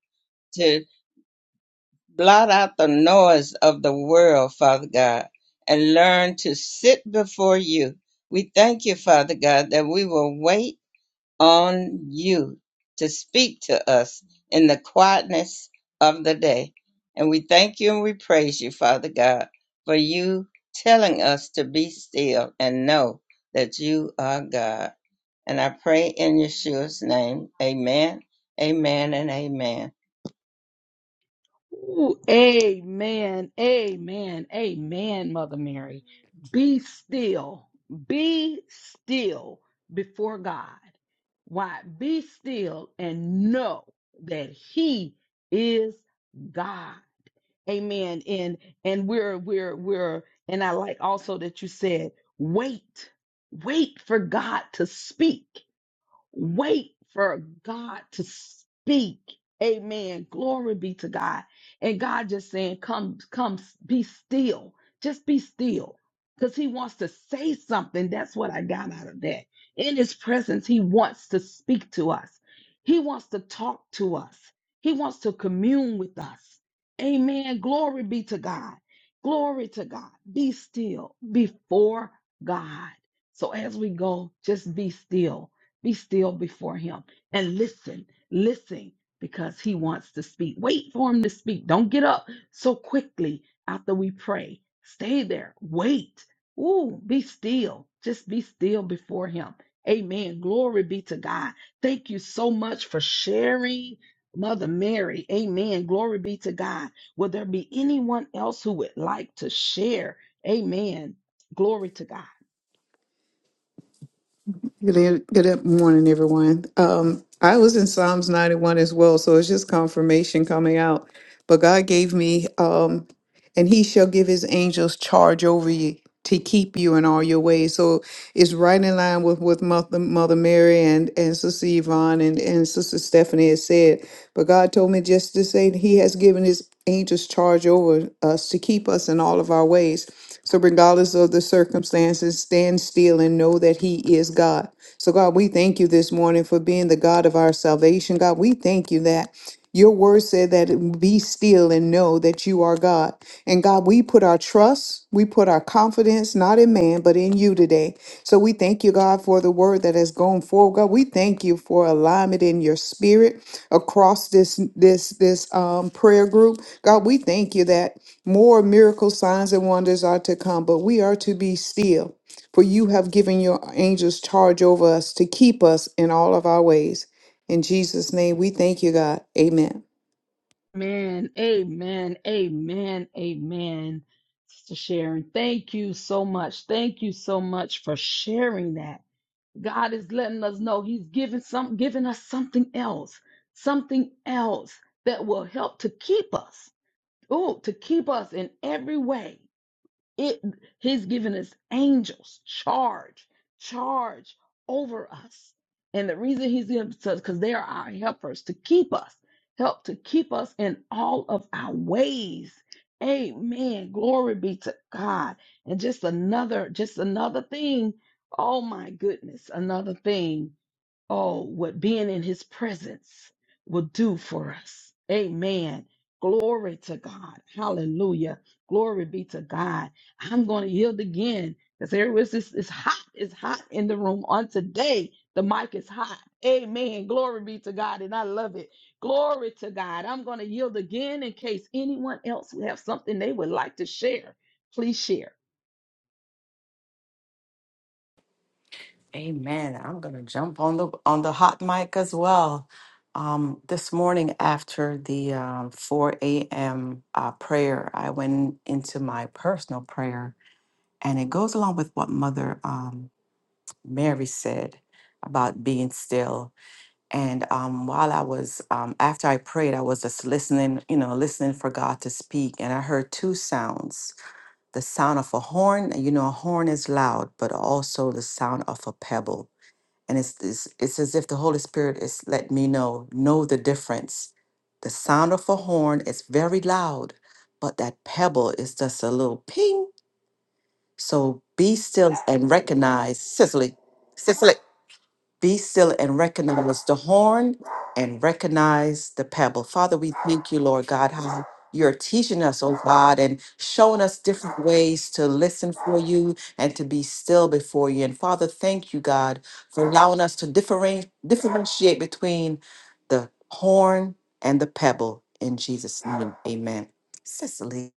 [SPEAKER 5] Blot out the noise of the world, Father God, and learn to sit before you. We thank you, Father God, that we will wait on you to speak to us in the quietness of the day. And we thank you and we praise you, Father God, for you telling us to be still and know that you are God. And I pray in Yeshua's name, amen, amen, and amen.
[SPEAKER 1] Ooh, amen, amen, amen, Mother Mary. Be still, be still before God. Why? Be still and know that He is God. Amen. And and we're we're we're and I like also that you said wait, wait for God to speak. Wait for God to speak. Amen. Glory be to God. And God just saying, come, come, be still. Just be still. Because he wants to say something. That's what I got out of that. In his presence, he wants to speak to us. He wants to talk to us. He wants to commune with us. Amen. Glory be to God. Glory to God. Be still before God. So as we go, just be still be still before him and listen, listen, because he wants to speak. Wait for him to speak. Don't get up so quickly after we pray. Stay there. Wait. Ooh, be still. Just be still before him. Amen. Glory be to God. Thank you so much for sharing, Mother Mary. Amen. Glory be to God. Will there be anyone else who would like to share? Amen. Glory to God.
[SPEAKER 6] Good, good morning, everyone. Um, I was in Psalms 91 as well, so it's just confirmation coming out. But God gave me, um, and He shall give His angels charge over you to keep you in all your ways. So it's right in line with with Mother, Mother Mary and and Sister Yvonne and and Sister Stephanie has said. But God told me just to say that He has given His angels charge over us to keep us in all of our ways. So, regardless of the circumstances, stand still and know that He is God. So, God, we thank you this morning for being the God of our salvation. God, we thank you that. Your word said that it- be still and know that you are God. And God, we put our trust, we put our confidence not in man, but in you today. So we thank you, God, for the word that has gone forward. God, we thank you for alignment in your spirit across this this this um prayer group. God, we thank you that more miracles, signs, and wonders are to come, but we are to be still. For you have given your angels charge over us to keep us in all of our ways. In Jesus' name, we thank you, God. Amen.
[SPEAKER 1] Man, amen, amen, amen. Sister Sharon, thank you so much. Thank you so much for sharing that. God is letting us know He's giving some giving us something else, something else that will help to keep us. Oh, to keep us in every way. It he's given us angels charge, charge over us. And the reason he's given us because they are our helpers to keep us, help to keep us in all of our ways. Amen. Glory be to God. And just another, just another thing. Oh my goodness, another thing. Oh, what being in his presence will do for us. Amen. Glory to God. Hallelujah. Glory be to God. I'm going to yield again because there is this it's hot. It's hot in the room on today. The mic is hot. Amen. Glory be to God. And I love it. Glory to God. I'm going to yield again in case anyone else would have something they would like to share. Please share.
[SPEAKER 7] Amen. I'm gonna jump on the on the hot mic as well. Um, this morning after the um, 4 a.m. Uh, prayer, I went into my personal prayer, and it goes along with what Mother um, Mary said about being still. And um, while I was um, after I prayed, I was just listening, you know, listening for God to speak, and I heard two sounds: the sound of a horn. You know, a horn is loud, but also the sound of a pebble and it's, it's it's as if the Holy Spirit is letting me know know the difference. The sound of a horn is very loud, but that pebble is just a little ping. So be still and recognize, Cicely, Cicely. Be still and recognize the horn and recognize the pebble. Father, we thank you, Lord God, how you're teaching us, oh God, and showing us different ways to listen for you and to be still before you. And Father, thank you, God, for allowing us to differenti- differentiate between the horn and the pebble. In Jesus' name, amen. Cicely.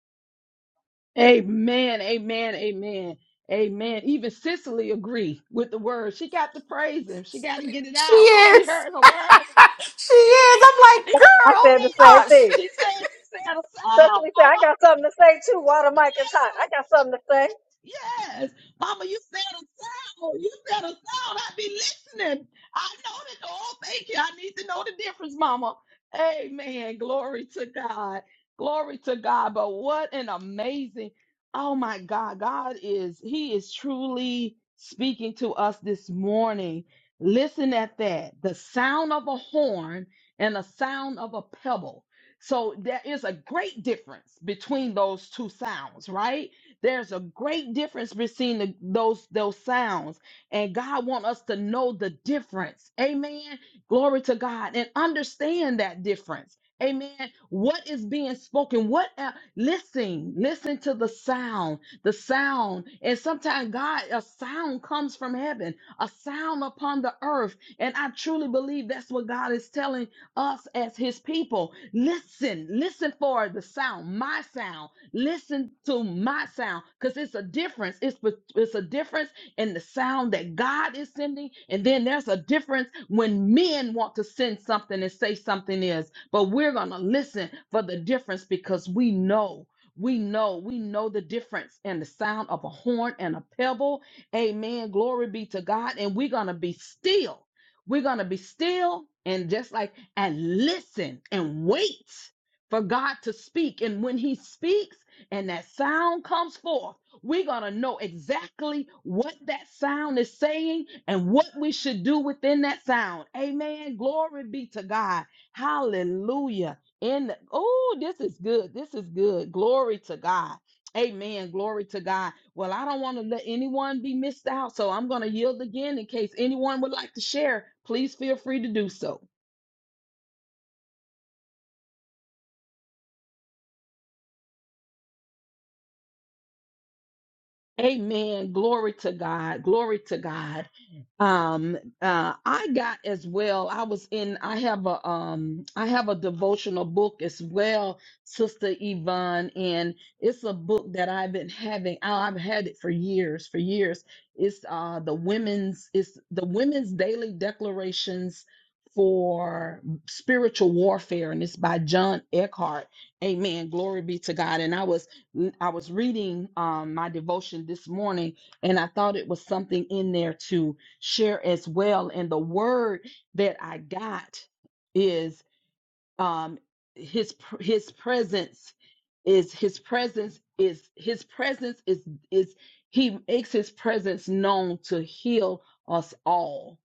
[SPEAKER 1] Amen, amen, amen, amen. Even Cicely agreed with the word. She got to praise him. She got to get it
[SPEAKER 7] She
[SPEAKER 1] out. She
[SPEAKER 7] is.
[SPEAKER 1] heard her word.
[SPEAKER 7] she is. I'm like,
[SPEAKER 1] She heard
[SPEAKER 4] I
[SPEAKER 1] her
[SPEAKER 4] said the
[SPEAKER 1] word.
[SPEAKER 4] same
[SPEAKER 7] girl.
[SPEAKER 4] thing.
[SPEAKER 1] She said, she said a sound,
[SPEAKER 4] Cecily said, I
[SPEAKER 1] mama.
[SPEAKER 4] got something to say too while the mic is hot.
[SPEAKER 1] yes.
[SPEAKER 4] I got something to say.
[SPEAKER 1] Yes, Mama, you said a sound. You said a sound. I be listening. I know that. Oh, thank you. I need to know the difference, Mama. Amen. Glory to God. Glory to God. But what an amazing. Oh my God. God is, He is truly speaking to us this morning. Listen at that. The sound of a horn and the sound of a pebble. So there is a great difference between those two sounds, right? There's a great difference between the, those those sounds, and God wants us to know the difference. Amen. Glory to God and understand that difference. Amen. What is being spoken? What? Uh, listen, listen to the sound. The sound, and sometimes God, a sound comes from heaven, a sound upon the earth, and I truly believe that's what God is telling us as His people. Listen, listen for the sound, my sound Listen to my sound because it's a difference. It's, bet- it's a difference in the sound that God is sending. And then there's a difference when men want to send something and say something is. But we're going to listen for the difference because we know. We know, we know the difference in the sound of a horn and a pebble. Amen. Glory be to God. And we're going to be still. We're going to be still and just like, and listen and wait for God to speak. And when He speaks and that sound comes forth, we're going to know exactly what that sound is saying and what we should do within that sound. Amen. Glory be to God. Hallelujah. In the, oh, this is good. This is good. Glory to God. Amen. Glory to God. Well, I don't want to let anyone be missed out, so I'm going to yield again in case anyone would like to share. Please feel free to do so. Amen. Glory to God. Glory to God. Um, uh, I got as well. I was in. I have a um. I have a devotional book as well, Sister Yvonne, and it's a book that I've been having. oh, I've had it for years, for years. It's uh the women's. It's the women's daily declarations for spiritual warfare, and it's by John Eckhart. Amen. Glory be to God. And I was I was reading um, my devotion this morning, and I thought it was something in there to share as well. And the word that I got is um his pr- his presence is his presence is his presence is is he makes his presence known to heal us all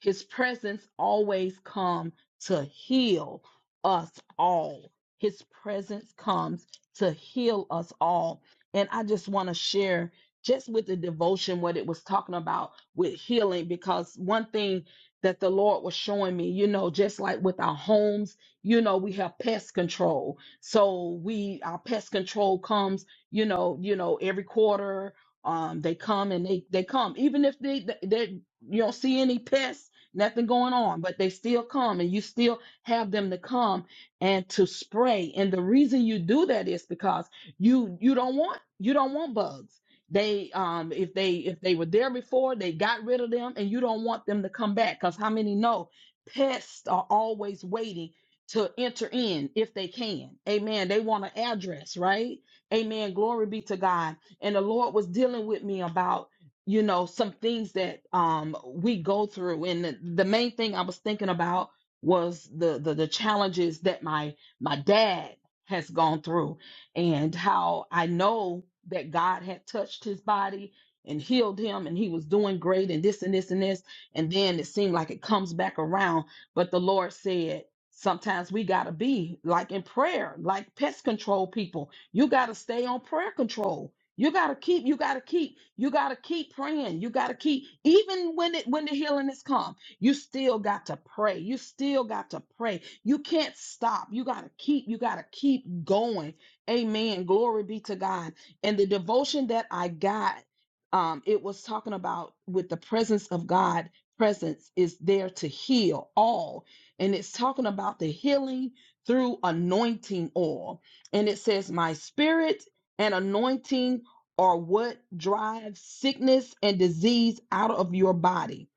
[SPEAKER 1] his presence always come to heal us all his presence comes to heal us all and i just want to share just with the devotion what it was talking about with healing because one thing that the lord was showing me you know just like with our homes you know we have pest control so we our pest control comes you know you know every quarter um they come and they they come even if they they, they you don't see any pests nothing going on but they still come and you still have them to come and to spray and the reason you do that is because you you don't want you don't want bugs they um if they if they were there before they got rid of them and you don't want them to come back because how many know pests are always waiting to enter in if they can. Amen. They want an address, right? Amen. Glory be to God. And the Lord was dealing with me about, you know, some things that um we go through. And the, the main thing I was thinking about was the, the the challenges that my my dad has gone through and how I know that God had touched his body and healed him and he was doing great and this and this and this and then it seemed like it comes back around but the Lord said Sometimes we got to be like in prayer, like pest control people. You got to stay on prayer control. You got to keep, you got to keep, you got to keep praying. You got to keep, even when it, when the healing is come, you still got to pray. You still got to pray. You can't stop. You got to keep, you got to keep going. Amen. Glory be to God. And the devotion that I got, um, it was talking about with the presence of God, presence is there to heal all and it's talking about the healing through anointing oil. And it says, My spirit and anointing are what drives sickness and disease out of your body.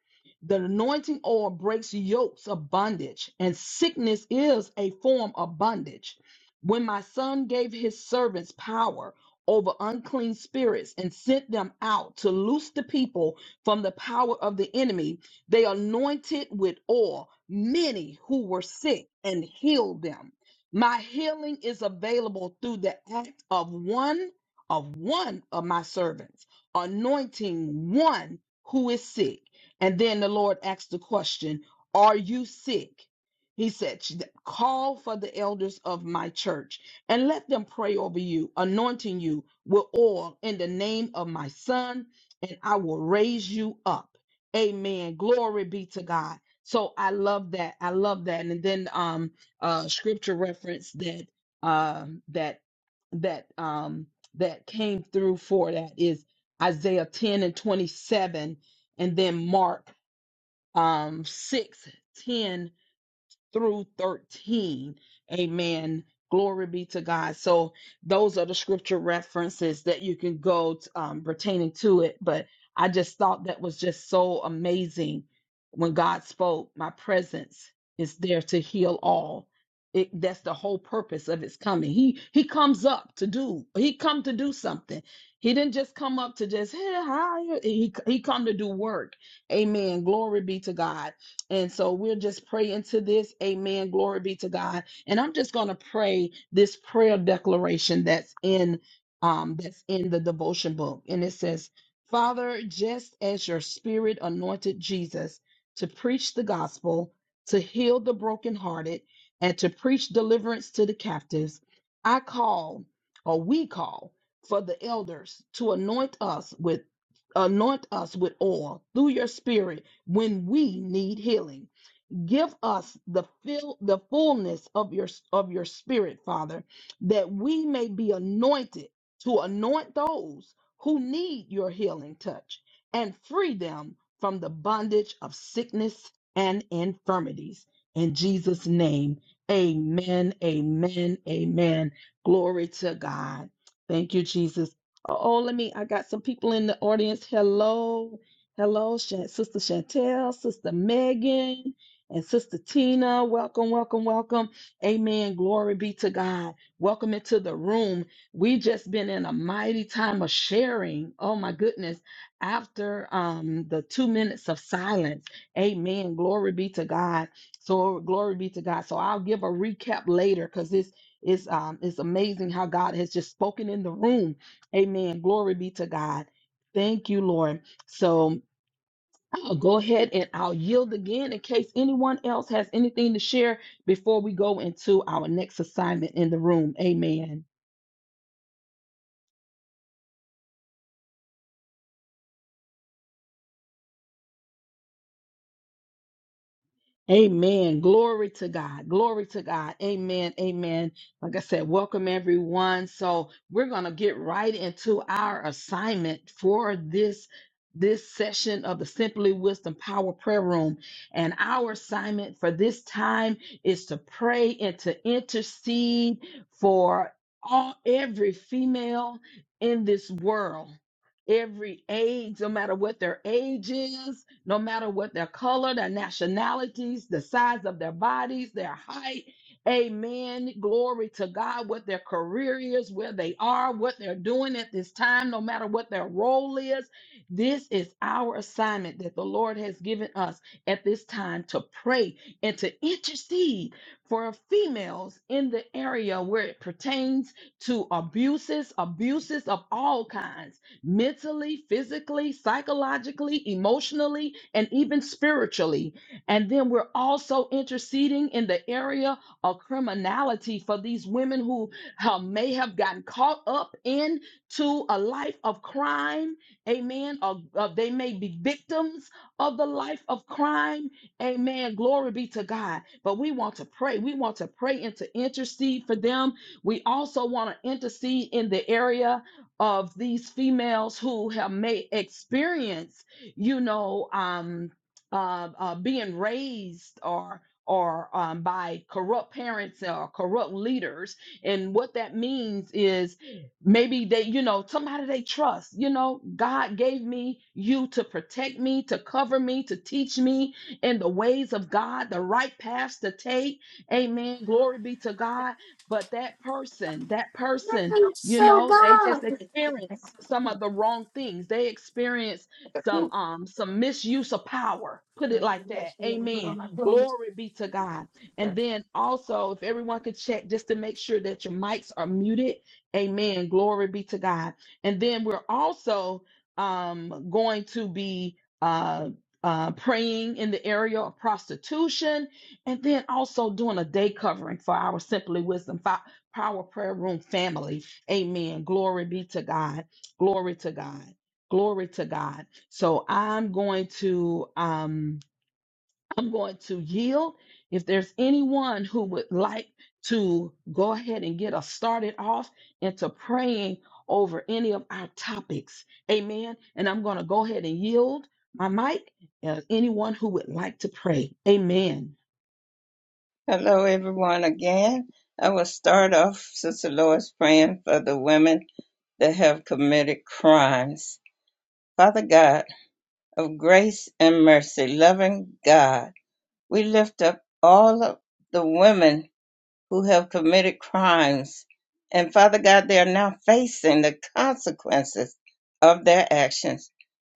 [SPEAKER 1] The anointing oil breaks yokes of bondage, and sickness is a form of bondage. When my son gave his servants power over unclean spirits and sent them out to loose the people from the power of the enemy, they anointed with oil many who were sick and healed them. My healing is available through the act of one of one of my servants, anointing one who is sick. And then the Lord asked the question, Are you sick? He said, Call for the elders of my church and let them pray over you, anointing you with oil in the name of my son, and I will raise you up. Amen. Glory be to God. So I love that. I love that. And then um uh scripture reference that uh, that that um that came through for that is Isaiah 10 and 27 and then Mark um 6 through 13. Amen. Glory be to God. So those are the scripture references that you can go to, um, pertaining to it. But I just thought that was just so amazing when God spoke. My presence is there to heal all. It, that's the whole purpose of his coming. He he comes up to do. He come to do something. He didn't just come up to just hey, hi. He he come to do work. Amen. Glory be to God. And so we'll just pray into this. Amen. Glory be to God. And I'm just going to pray this prayer declaration that's in um that's in the devotion book. And it says, "Father, just as your spirit anointed Jesus to preach the gospel, to heal the brokenhearted, and to preach deliverance to the captives, I call or we call for the elders to anoint us with Anoint us with oil through your spirit when we need healing. Give us the fill the fullness of your of your spirit, Father, that we may be anointed to anoint those who need your healing touch and free them from the bondage of sickness and infirmities. In Jesus' name, amen, amen, amen. Glory to God. Thank you, Jesus. Oh, let me, I got some people in the audience. Hello. Hello, Shan- Sister Chantel, Sister Megan. And Sister Tina, welcome, welcome, welcome. Amen. Glory be to God. Welcome into the room. We just been in a mighty time of sharing. Oh my goodness. After um the two minutes of silence. Amen. Glory be to God. So glory be to God. So I'll give a recap later because this is um it's amazing how God has just spoken in the room. Amen. Glory be to God. Thank you, Lord. So I'll go ahead and I'll yield again in case anyone else has anything to share before we go into our next assignment in the room. Amen. Amen. Glory to God. Glory to God. Amen. Amen. Like I said, welcome everyone. So we're going to get right into our assignment for this this session of the Simply Wisdom Power Prayer Room. And our assignment for this time is to pray and to intercede for all every female in this world every age, no matter what their age is, no matter what their color, their nationalities, the size of their bodies, their height. Amen. Glory to God, what their career is, where they are, what they're doing at this time, no matter what their role is. This is our assignment that the Lord has given us at this time to pray and to intercede for females in the area where it pertains to abuses, abuses of all kinds mentally, physically, psychologically, emotionally, and even spiritually. And then we're also interceding in the area of criminality for these women who uh, may have gotten caught up into a life of crime. Amen. Or uh, they may be victims of the life of crime. Amen. Glory be to God. But we want to pray. We want to pray and to intercede for them. We also want to intercede in the area of these females who have may experience, you know, um, uh, uh, being raised or or um, by corrupt parents or corrupt leaders, and what that means is maybe they, you know, somebody they trust. You know, God gave me you to protect me, to cover me, to teach me in the ways of God, the right paths to take. Amen. Glory be to God. But that person, that person you know they just experience some of the wrong things they experience some um some misuse of power put it like that amen glory be to god and then also if everyone could check just to make sure that your mics are muted amen glory be to god and then we're also um going to be uh uh, praying in the area of prostitution, and then also doing a day covering for our Simply Wisdom Fi- Power Prayer Room family. Amen. Glory be to God. Glory to God. Glory to God. So I'm going to um I'm going to yield. If there's anyone who would like to go ahead and get us started off into praying over any of our topics. Amen. And I'm going to go ahead and yield my mic. Uh, anyone who would like to pray. Amen.
[SPEAKER 5] Hello, everyone. Again, I will start off, Sister Lois, praying for the women that have committed crimes. Father God of grace and mercy, loving God, we lift up all of the women who have committed crimes. And Father God, they are now facing the consequences of their actions.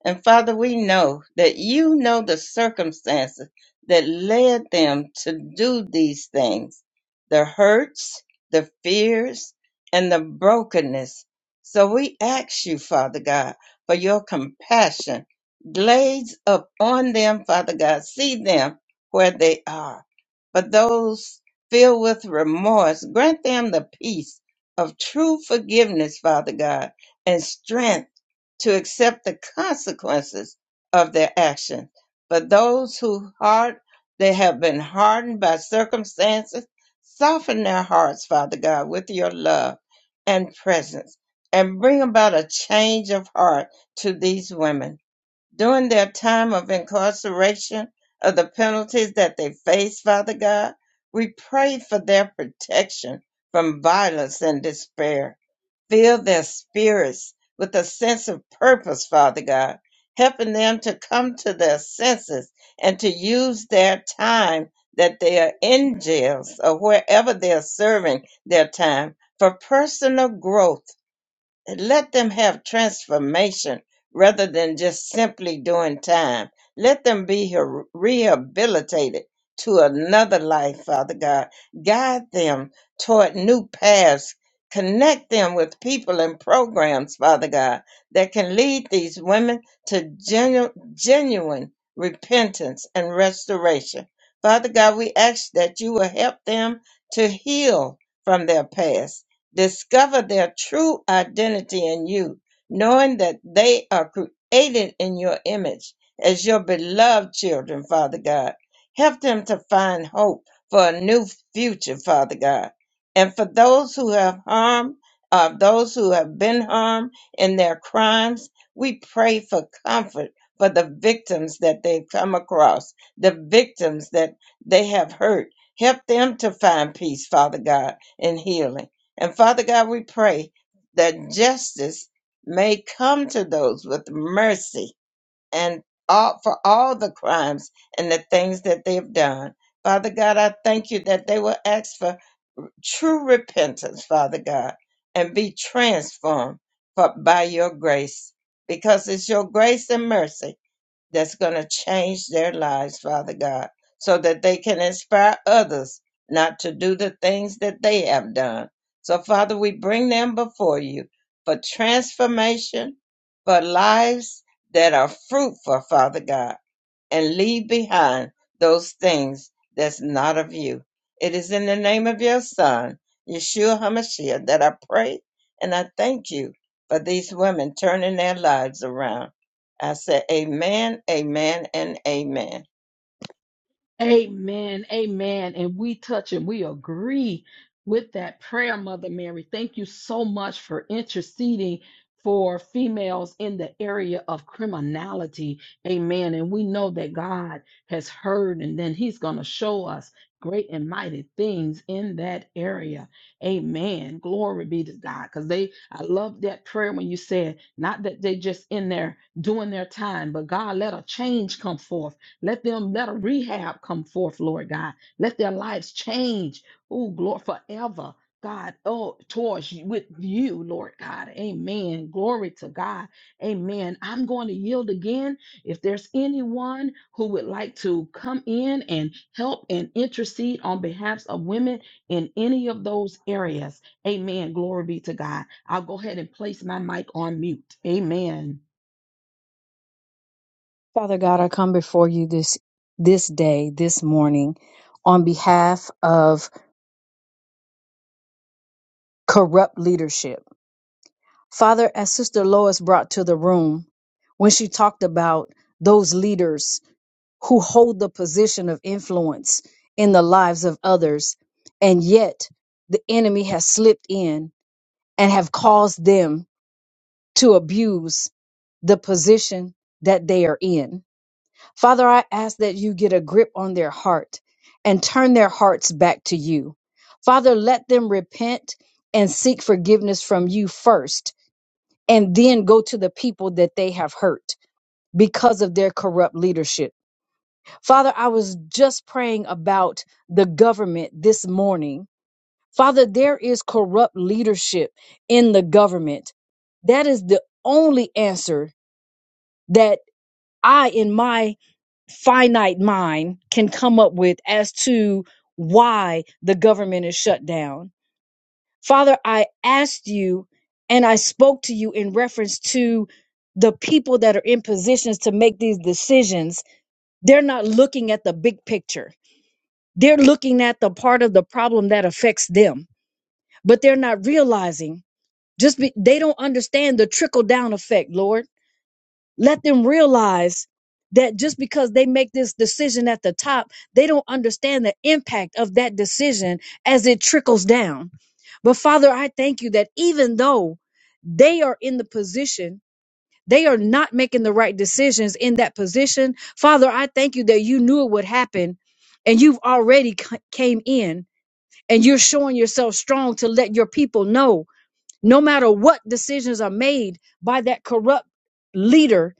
[SPEAKER 5] And Father, we know that you know the circumstances that led them to do these things the hurts, the fears, and the brokenness. So we ask you, Father God, for your compassion. Glaze upon them, Father God. See them where they are. For those filled with remorse. Grant them the peace of true forgiveness, Father God, and strength to accept the consequences of their actions. For those who heart they have been hardened by circumstances, soften their hearts, Father God, with your love and presence, and bring about a change of heart to these women during their time of incarceration of the penalties that they face, Father God. We pray for their protection from violence and despair. Fill their spirits with a sense of purpose, Father God, helping them to come to their senses and to use their time that they are in jails or wherever they are serving their time for personal growth let them have transformation rather than just simply doing time. Let them be he- rehabilitated to another life, Father God. Guide them toward new paths. Connect them with people and programs, Father God, that can lead these women to genu- genuine repentance and restoration. Father God, we ask that you will help them to heal from their past Discover their true identity in you, knowing that they are created in your image as your beloved children, Father God. Help them to find hope for a new future, Father God. And for those who have harmed, uh, those who have been harmed in their crimes, we pray for comfort for the victims that they've come across, the victims that they have hurt. Help them to find peace, Father God, and healing and Father God, we pray that justice may come to those with mercy and all, for all the crimes and the things that they have done. Father God, I thank you that they will ask for true repentance, Father God, and be transformed for, by your grace, because it's your grace and mercy that's going to change their lives, Father God, so that they can inspire others not to do the things that they have done. So, Father, we bring them before you for transformation, for lives that are fruitful, Father God and leave behind those things that's not of you. It is in the name of your Son, Yeshua HaMashiach, that I pray and I thank you for these women turning their lives around. I say, Amen, Amen, and Amen.
[SPEAKER 1] Amen. Amen. And we touch and we agree with that prayer, Mother Mary. Thank you so much for interceding for females in the area of criminality. Amen. And we know that God has heard and then he's going to show us great and mighty things in that area. Amen. Glory be to God. Because they, I love that prayer when you said, not that they just in there doing their time, but God, let a change come forth let them, let a rehab come forth, Lord God. Let their lives change. Oh, glory forever. God, oh, towards you, with you, Lord God. Amen. Glory to God. Amen. I'm going to yield again. If there's anyone who would like to come in and help and intercede on behalf of women in any of those areas, amen. Glory be to God. I'll go ahead and place my mic on mute. Amen.
[SPEAKER 4] Father God, I come before you this this day, this morning, on behalf of corrupt leadership. Father, as Sister Lois brought to the room when she talked about those leaders who hold the position of influence in the lives of others and yet the enemy has slipped in and have caused them to abuse the position that they are in father i ask that you get a grip on their heart and turn their hearts back to you father let them repent and seek forgiveness from you first and then go to the people that they have hurt because of their corrupt leadership Father, I was just praying about the government this morning. Father, there is corrupt leadership in the government. That is the only answer that I, in my finite mind, can come up with as to why the government is shut down. Father, I asked you and I spoke to you in reference to the people that are in positions to make these decisions. They're not looking at the big picture They're looking at the part of the problem that affects them, but they're not realizing just be, they don't understand the trickle down effect, Lord. Let them realize that just because they make this decision at the top, they don't understand the impact of that decision as it trickles down. But Father, I thank you that even though they are in the position, they are not making the right decisions in that position. Father, I thank you that you knew it would happen and you've already c- came in and you're showing yourself strong to let your people know no matter what decisions are made by that corrupt leader,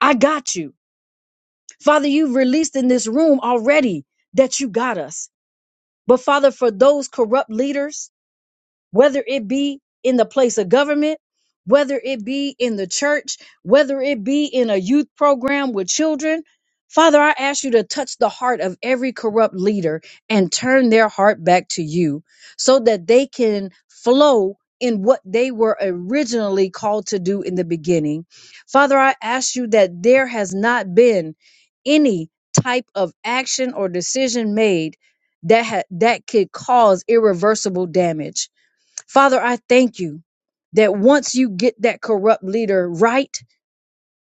[SPEAKER 4] I got you. Father, you've released in this room already that you got us. But Father, for those corrupt leaders, whether it be in the place of government, whether it be in the church, whether it be in a youth program with children. Father, I ask you to touch the heart of every corrupt leader and turn their heart back to you so that they can flow in what they were originally called to do in the beginning. Father, I ask you that there has not been any type of action or decision made that ha- that could cause irreversible damage. Father, I thank you that once you get that corrupt leader right,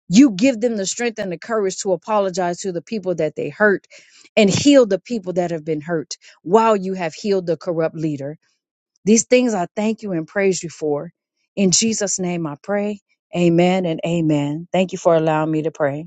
[SPEAKER 4] you give them the strength and the courage to apologize to the people that they hurt and heal the people that have been hurt while you have healed the corrupt leader. These things I thank you and praise you for. In Jesus' name I pray. Amen and amen. Thank you for allowing me to pray.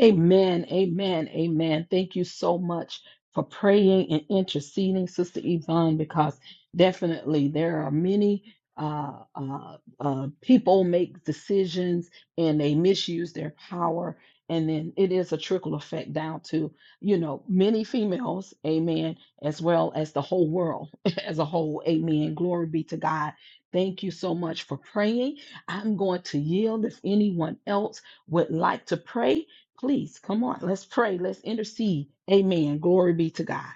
[SPEAKER 1] Amen. Amen. Amen. Thank you so much for praying and interceding, Sister Yvonne, because definitely there are many uh, uh, uh, people make decisions and they misuse their power. And then it is a trickle effect down to, you know, many females, amen, as well as the whole world as a whole, amen. Glory be to God. Thank you so much for praying. I'm going to yield if anyone else would like to pray. Please come on. Let's pray. Let's intercede. Amen. Glory be to God.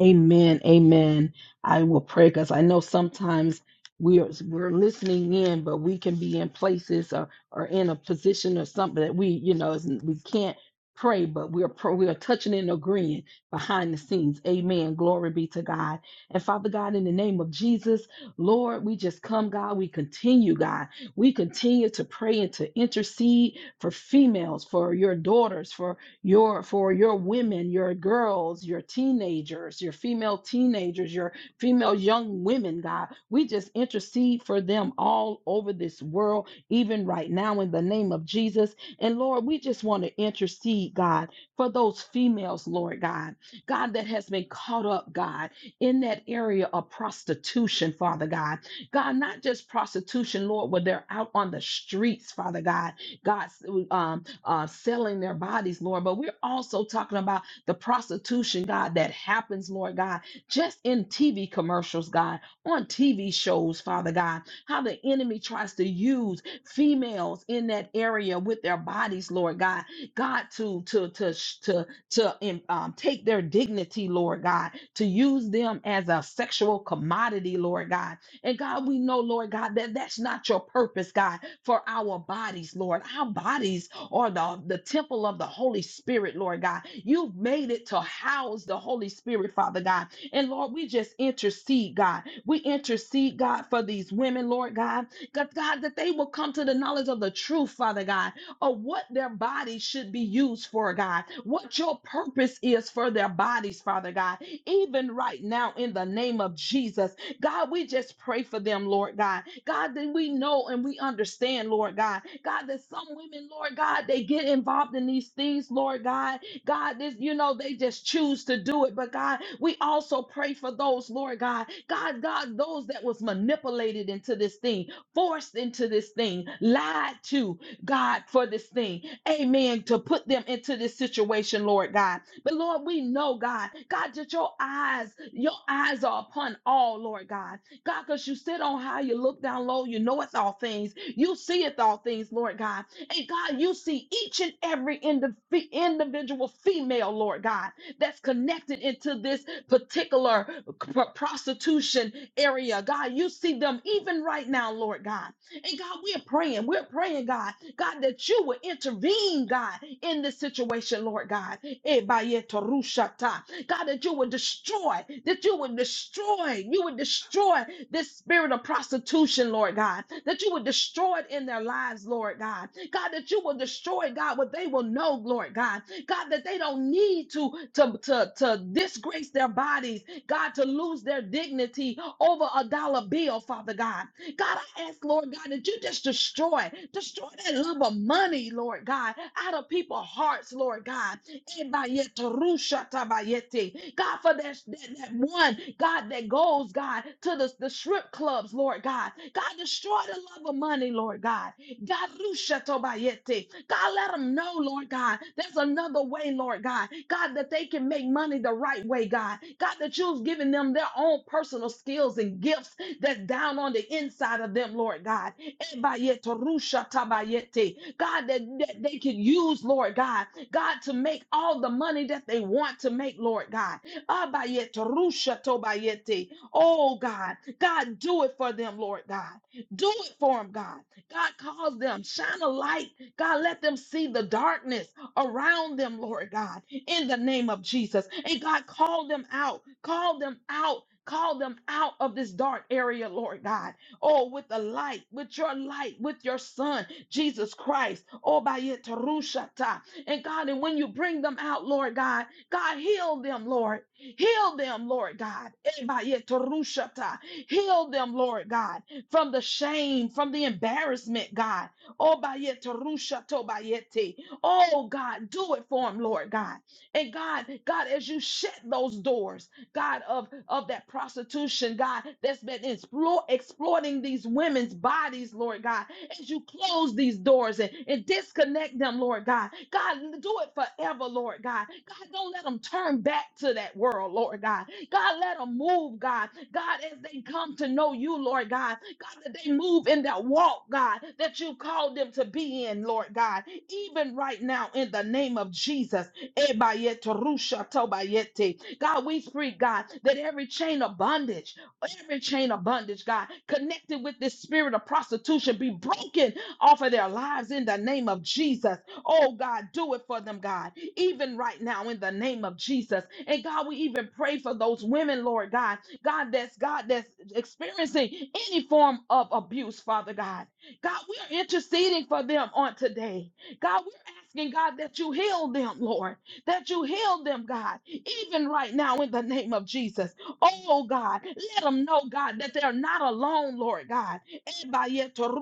[SPEAKER 1] Amen. Amen. I will pray because I know sometimes we are we're listening in, but we can be in places or, or in a position or something that we, you know, is- we can't pray, but we are pro, we are touching and agreeing behind the scenes. Amen. Glory be to God. And Father God, in the name of Jesus, Lord, we just come, God. We continue, God. We continue to pray and to intercede for females, for your daughters, for your for your women, your girls, your teenagers, your female teenagers, your female young women, God. We just intercede for them all over this world, even right now in the name of Jesus. And Lord, we just want to intercede, God, for those females, Lord God. God that has been caught up, God, in that area of prostitution, Father God. God, not just prostitution, Lord, where they're out on the streets, Father God. God, um uh, selling their bodies, Lord. But we're also talking about the prostitution, God, that happens, Lord God, just in TV commercials, God, on TV shows, Father God, how the enemy tries to use females in that area with their bodies, Lord God, God, to to to sh- to to um, um, take their dignity, Lord God, to use them as a sexual commodity, Lord God. And God, we know, Lord God, that that's not your purpose, God, for our bodies, Lord. Our bodies or the, the temple of the Holy Spirit, Lord God. You've made it to house the Holy Spirit, Father God. And Lord, we just intercede, God. We intercede, God, for these women, Lord God. God, God, that they will come to the knowledge of the truth, Father God, of what their bodies should be used for, God, what your purpose is for their bodies, Father God. Even right now, in the name of Jesus, God, we just pray for them, Lord God. God, that we know and we understand, Lord God. God, that some women, Lord God, they get involved in these things, Lord God. God, this, you know, they just choose to do it. But God, we also pray for those, Lord God. God, God, those that was manipulated into this thing, forced into this thing, lied to, God, for this thing. Amen. To put them into this situation, Lord God. But Lord, we know, God, God, that your eyes, your eyes are upon all, Lord God. God, because you sit on high, you look down low, you knoweth all things, you seeth all things, Lord God. And God, you see each and every indiv- individual female, Lord God, that's connected into this particular p- prostitution area. God, you see them even right now, Lord God. And God, we're praying, we're praying, God, God, that you will intervene, God, in this situation, Lord God. Ebayetorushata. God, that you would destroy, that you would destroy, you would destroy this spirit of prostitution, Lord God, that you would destroy it in their lives, Lord God. God, that you will destroy, God, what they will know, Lord God. God, that they don't need to, to, to, to disgrace their bodies, God, to lose their dignity over a dollar bill, Father God. God, I ask, Lord God, that you just destroy, destroy that love of money, Lord God, out of people's hearts, Lord God. Ebayetarusatabayete. God, for that, that, that one, God, that goes, God, to the, the strip clubs, Lord God. God, destroy the love of money, Lord God. God, rushatobayete. God, let them know, Lord God, there's another way, Lord God. God, that they can make money the right way, God. God, that you've given them their own personal skills and gifts that's down on the inside of them, Lord God. Ebayetorusha tabayete. God, that, that they can use, Lord God, God, to make all the money that they want to make, Lord God. Abayetorusha tobayete. Oh, God, God, do it for them, Lord God. Do it for them, God. God, calls them, shine a light. God, let them see the darkness around them, Lord God, in the name of Jesus. And God, call them out, call them out Call them out of this dark area, Lord God. Oh, with the light, with your light, with your son, Jesus Christ. Oh, by it, Terushata. And God, and when you bring them out, Lord God, God, heal them, Lord. Heal them, Lord God. Eh, by it, Terushata. Heal them, Lord God, from the shame, from the embarrassment, God. Oh, by it, Terushato, by it, eh. oh God, do it for them, Lord God. And God, God, as you shut those doors, God, of, of that prostitution, God, that's been explo- exploiting these women's bodies, Lord God, as you close these doors and, and disconnect them, Lord God. God, do it forever, Lord God. God, don't let them turn back to that world, Lord God. God, let them move, God. God, as they come to know you, Lord God, God, that they move in that walk, God, that you called them to be in, Lord God, even right now in the name of Jesus. Ebayete, rusha tobayete. God, we pray, God, that every chain of bondage, every chain of bondage, God, connected with this spirit of prostitution be broken off of their lives in the name of Jesus. Oh, God, do it for them, God, even right now in the name of Jesus. And God, we even pray for those women, Lord God, God, that's God, that's experiencing any form of abuse, Father God. God, we are interceding for them on today. God, we're asking, God, that you heal them, Lord that you heal them, God, even right now in the name of Jesus. Oh, God, let them know, God, that they're not alone, Lord God. Ebayeto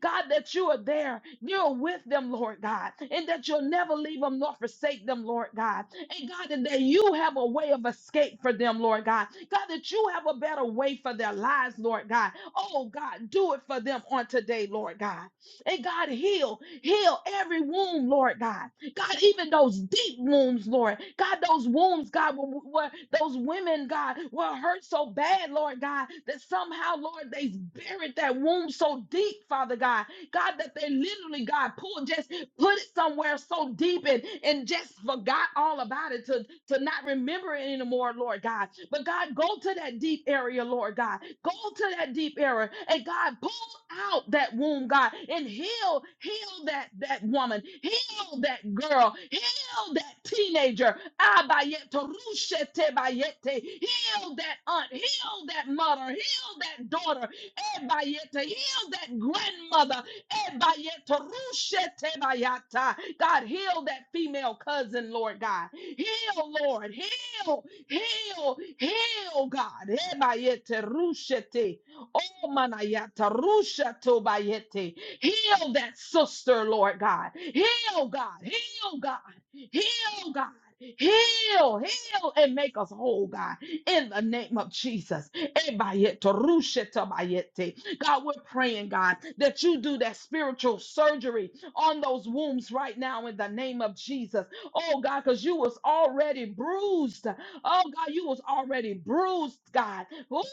[SPEAKER 1] God, that you are there, you're with them, Lord God, and that you'll never leave them nor forsake them, Lord God. And God, that they- you have a way of escape for them, Lord God. God, that you have a better way for their lives, Lord God. Oh, God, do it for them on today, Lord God. And God, heal, heal every wound, Lord God. God, even those deep wounds, Lord. God, those wounds, God, were, were- those women, God, were hurt so bad, Lord God, that somehow, Lord, they buried that wound so deep, Father God. God, that they literally, God, pulled, just put it somewhere so deep and, and just forgot all about it to, to not remember it anymore, Lord God. But God, go to that deep area, Lord God. Go to that deep area and God, pull out that womb, God, and heal, heal that, that woman, heal that girl, heal that teenager, Abayete, rushete bayete. heal that aunt, heal that mother, heal that daughter, abayete, heal that grandmother, Ebayetorushetebayata. God, heal that female cousin, Lord God. Heal, Lord. Heal, heal, heal, God. Ebayeterushete. Oh, manayata rushatobayete. Heal that sister, Lord God. Heal, God. Heal, God. Heal, God. Heal, heal, and make us whole, God, in the name of Jesus. Ebayete Ebayetorushetabayete. God, we're praying, God, that you do that spiritual surgery on those wombs right now in the name of Jesus. Oh, God, because you was already bruised. Oh, God, you was already bruised, God. Oh,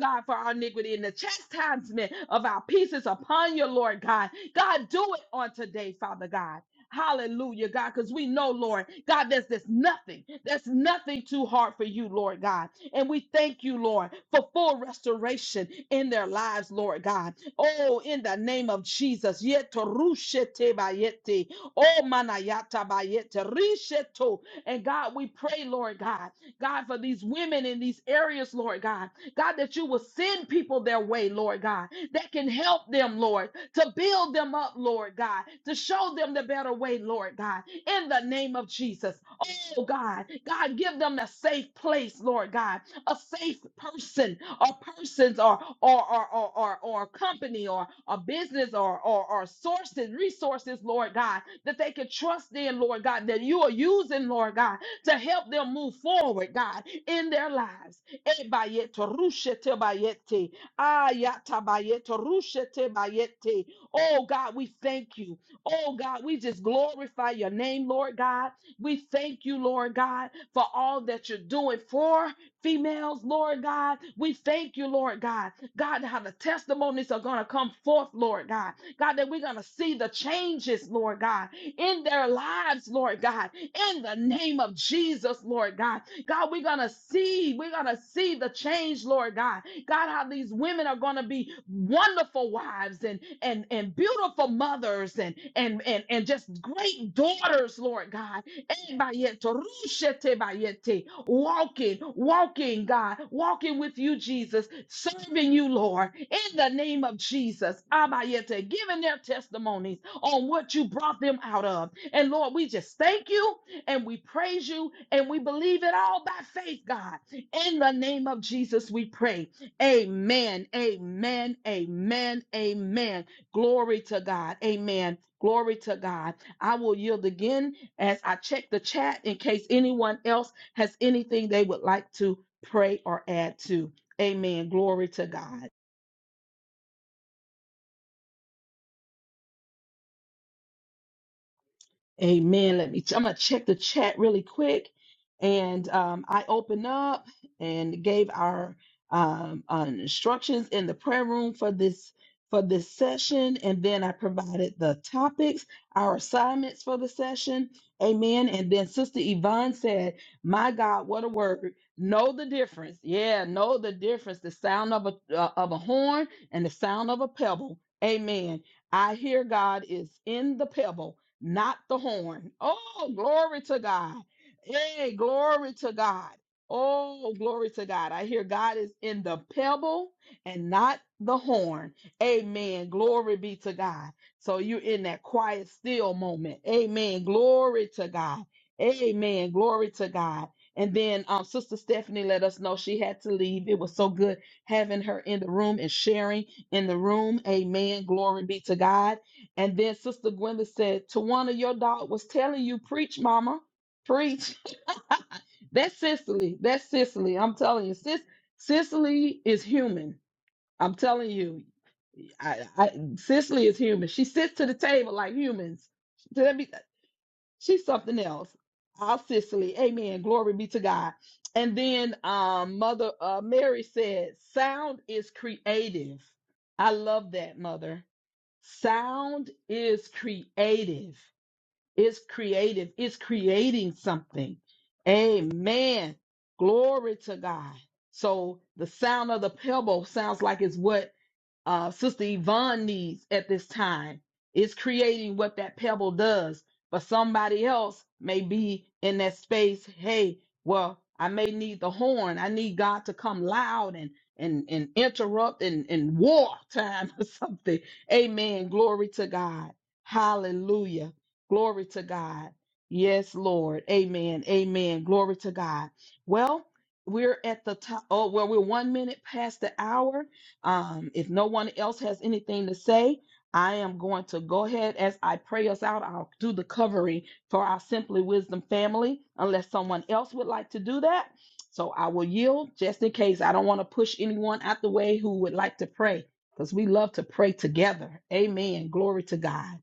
[SPEAKER 1] God, for our iniquity and the chastisement of our pieces upon you, Lord God. God, do it on today, Father God. Hallelujah, God, because we know, Lord, God, there's this nothing, there's nothing too hard for you, Lord God. And we thank you, Lord, for full restoration in their lives, Lord God. Oh, in the name of Jesus. Yetorushe bayete. Oh, manayata bayete. Risheto. And God, we pray, Lord God, God, for these women in these areas, Lord God. God, that you will send people their way, Lord God, that can help them, Lord, to build them up, Lord God, to show them the better way, Lord God, in the name of Jesus. Oh God, God, give them a safe place, Lord God, a safe person or persons or or or or or, or company or a business or, or or sources, resources, Lord God, that they can trust in, Lord God, that you are using, Lord God, to help them move forward, God, in their lives. Ebayete, rushetebayete. Ah, yata bayete, rushete bayete. Oh God, we thank you. Oh God, we just glorify your name, Lord God. We thank you, Lord God, for all that you're doing for females, Lord God. We thank you, Lord God. God, how the testimonies are going to come forth, Lord God. God, that we're going to see the changes, Lord God, in their lives, Lord God, in the name of Jesus, Lord God. God, we're going to see, we're going to see the change, Lord God God, how these women are going to be wonderful wives and and and beautiful mothers and and and and just great daughters, Lord God. Ebayete, rushete bayete. Walking, walking, God, walking with you, Jesus, serving you, Lord, in the name of Jesus. Abayete, giving their testimonies on what you brought them out of. And Lord, we just thank you and we praise you and we believe it all by faith, God. In the name of Jesus, we pray. Amen. Amen. Amen. Amen. Glory to God. Amen. Glory to God. I will yield again as I check the chat in case anyone else has anything they would like to pray or add to. Amen. Glory to God. Amen. Let me. I'm gonna check the chat really quick, and um, I opened up and gave our um, uh, instructions in the prayer room for this for this session, and then I provided the topics, our assignments for the session. Amen. And then Sister Yvonne said, "My God, what a word! Know the difference. Yeah, know the difference. The sound of a uh, of a horn and the sound of a pebble. Amen. I hear God is in the pebble." not the horn. Oh, glory to God. Hey, glory to God. Oh, glory to God. I hear God is in the pebble and not the horn. Amen. Glory be to God. So you're in that quiet, still moment. Amen. Glory to God. Amen. Glory to God. And then um, Sister Stephanie let us know she had to leave. It was so good having her in the room and sharing in the room. Amen. Glory be to God. And then Sister Gwenda said, Tawana, your dog was telling you, preach, mama, preach. That's Cicely. That's Cicely. I'm telling you, Sis, Cicely is human. I'm telling you, I, I, Cicely is human. She sits to the table like humans. Let me- She's something else. Our Cicely. Amen. Glory be to God. And then um, Mother uh, Mary said, sound is creative. I love that, Mother. Sound is creative. It's creative. It's creating something. Amen. Glory to God. So the sound of the pebble sounds like it's what uh, Sister Yvonne needs at this time. It's creating what that pebble does, but somebody else may be in that space. Hey, well, I may need the horn. I need God to come loud and and and interrupt and and war time or something. Amen. Glory to God. Hallelujah. Glory to God. Yes, Lord. Amen. Amen. Glory to God. Well, we're at the top. Oh, well, we're one minute past the hour. Um, if no one else has anything to say, I am going to go ahead as I pray us out. I'll do the covering for our Simply Wisdom family, unless someone else would like to do that. So I will yield just in case. I don't want to push anyone out the way who would like to pray because we love to pray together. Amen. Glory to God.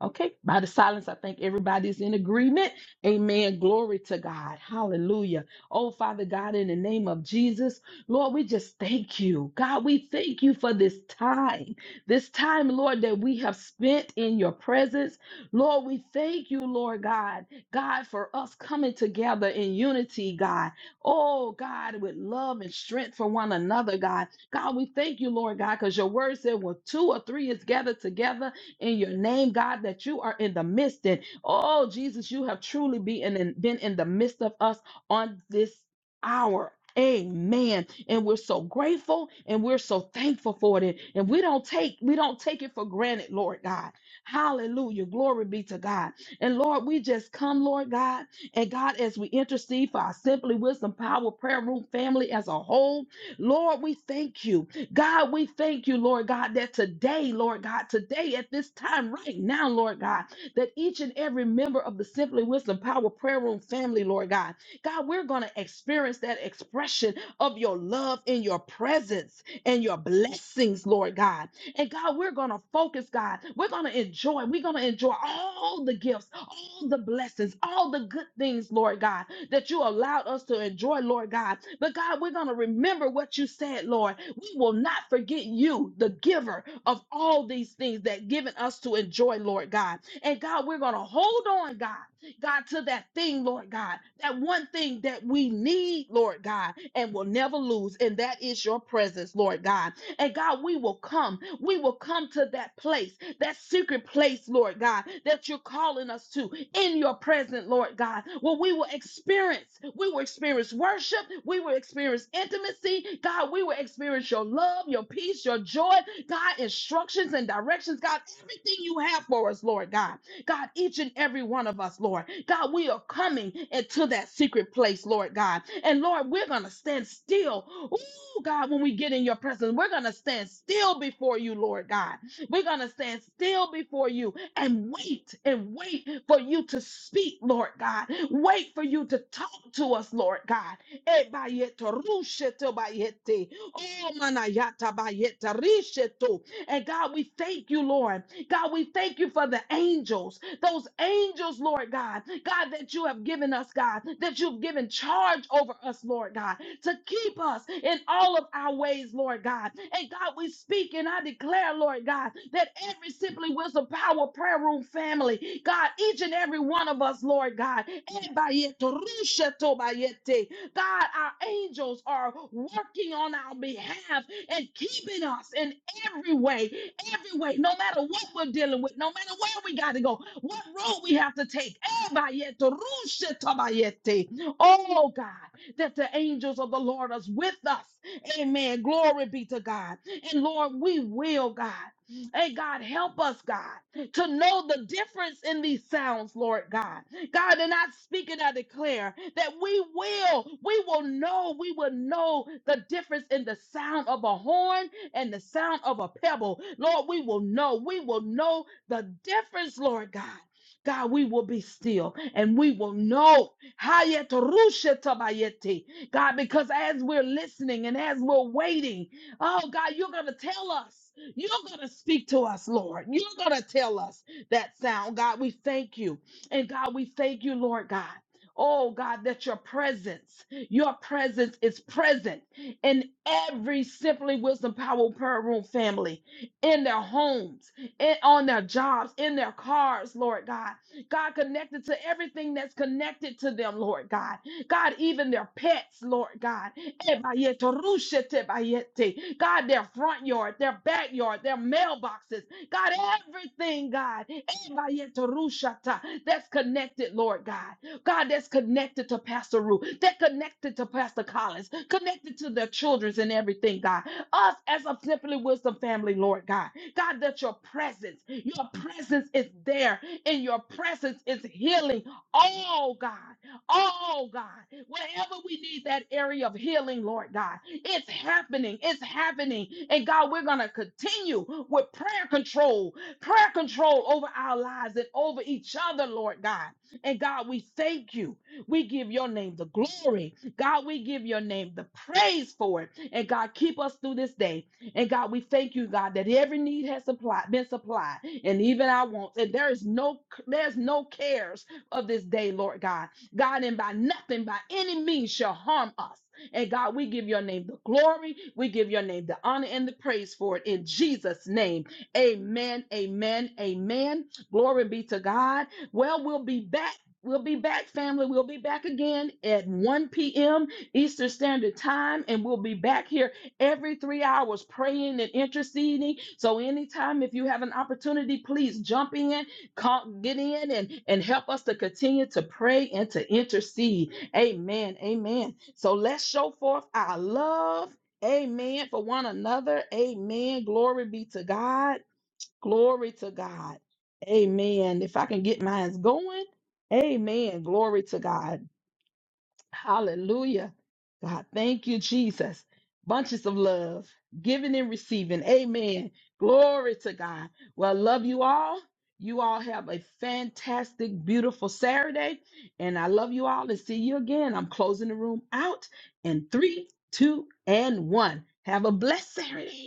[SPEAKER 1] Okay, by the silence, I think everybody's in agreement. Amen. Glory to God. Hallelujah. Oh, Father God, in the name of Jesus, Lord, we just thank you. God, we thank you for this time, this time, Lord, that we have spent in your presence. Lord, we thank you, Lord God, God, for us coming together in unity, God. Oh, God, with love and strength for one another, God. God, we thank you, Lord God, because your word said, when two or three is gathered together, in your name, God, that you are in the midst. And oh, Jesus, you have truly been in, been in the midst of us on this hour. Amen. And we're so grateful and we're so thankful for it. And we don't take we don't take it for granted, Lord God. Hallelujah. Glory be to God. And Lord, we just come, Lord God. And God, as we intercede for our Simply Wisdom Power Prayer Room family as a whole, Lord, we thank you. God, we thank you, Lord God, that today, Lord God, today at this time, right now, Lord God, that each and every member of the Simply Wisdom Power Prayer Room family, Lord God, God, we're going to experience that expression of your love in your presence and your blessings, Lord God. And God, we're going to focus, God. We're going to enjoy. We're going to enjoy all the gifts, all the blessings, all the good things, Lord God, that you allowed us to enjoy, Lord God. But God, we're going to remember what you said, Lord. We will not forget you, the giver of all these things that given us to enjoy, Lord God. And God, we're going to hold on, God. God, to that thing, Lord God, that one thing that we need, Lord God, and will never lose, and that is your presence, Lord God. And God, we will come. We will come to that place, that secret place, Lord God, that you're calling us to in your presence, Lord God, where we will experience, we will experience worship, we will experience intimacy, God, we will experience your love, your peace, your joy, God, instructions and directions, God, everything you have for us, Lord God. God, each and every one of us, Lord. God, we are coming into that secret place, Lord God. And Lord, we're going to stand still. Ooh, God, when we get in your presence, we're going to stand still before you, Lord God. We're going to stand still before you and wait and wait for you to speak, Lord God. Wait for you to talk to us, Lord God. Ebayeto, rusheto bayete. Oh, manayata bayete, risheto. And God, we thank you, Lord. God, we thank you for the angels, those angels, Lord God, God, that you have given us, God, that you've given charge over us, Lord God, to keep us in all of our ways, Lord God. And God, we speak and I declare, Lord God, that every Simply Wisdom Power Prayer Room family, God, each and every one of us, Lord God, Ebayetorushetobayete, God, our angels are working on our behalf and keeping us in every way, every way, no matter what we're dealing with, no matter where we got to go, what road we have to take. Oh, God, that the angels of the Lord is with us. Amen. Glory be to God. And Lord, we will, God. Hey, God, help us, God to know the difference in these sounds, Lord God. God, and I speak and I declare that we will, we will know, we will know the difference in the sound of a horn and the sound of a pebble. Lord, we will know, we will know the difference, Lord God. God, we will be still and we will know. Hayet rushe tabayeti. God, because as we're listening and as we're waiting, oh God, you're going to tell us. You're going to speak to us, Lord. You're going to tell us that sound. God, we thank you. And God, we thank you, Lord God. Oh God, that your presence, your presence is present in every Simply Wisdom Power Prayer Room family, in their homes, in, on their jobs, in their cars, Lord God. God, connected to everything that's connected to them, Lord God. God, even their pets, Lord God. Ebayete, rushete bayete. God, their front yard, their backyard, their mailboxes, God, everything, God, ebayete, rushata, that's connected, Lord God. God, that's connected to Pastor Ruth, that connected to Pastor Collins, connected to their children's and everything, God. Us as a Simply Wisdom family, Lord God. God, that your presence, your presence is there, and your presence is healing all, God. Oh God, wherever we need that area of healing, Lord God, it's happening. It's happening. And God, we're going to continue with prayer control, prayer control over our lives and over each other, Lord God. And God, we thank you. We give your name the glory. God, we give your name the praise for it. And God, keep us through this day. And God, we thank you, God, that every need has supplied, been supplied, and even our wants. And there is no there's no cares of this day, Lord God. God, and by nothing, by any means, shall harm us. And God, we give your name the glory, we give your name the honor and the praise for it in Jesus' name. Amen, amen, amen. Glory be to God. Well, we'll be back. We'll be back, family. We'll be back again at 1 p.m. Eastern Standard Time, and we'll be back here every three hours praying and interceding. So, anytime if you have an opportunity, please jump in Come, get in and, and help us to continue to pray and to intercede. Amen. Amen. So let's show forth our love. Amen. For one another. Amen. Glory be to God. Glory to God. Amen. If I can get mine going. Amen. Glory to God. Hallelujah. God, thank you, Jesus. Bunches of love, giving and receiving. Amen. Glory to God. Well, love you all. You all have a fantastic, beautiful Saturday. And I love you all and see you again. I'm closing the room out in three, two, and one. Have a blessed Saturday.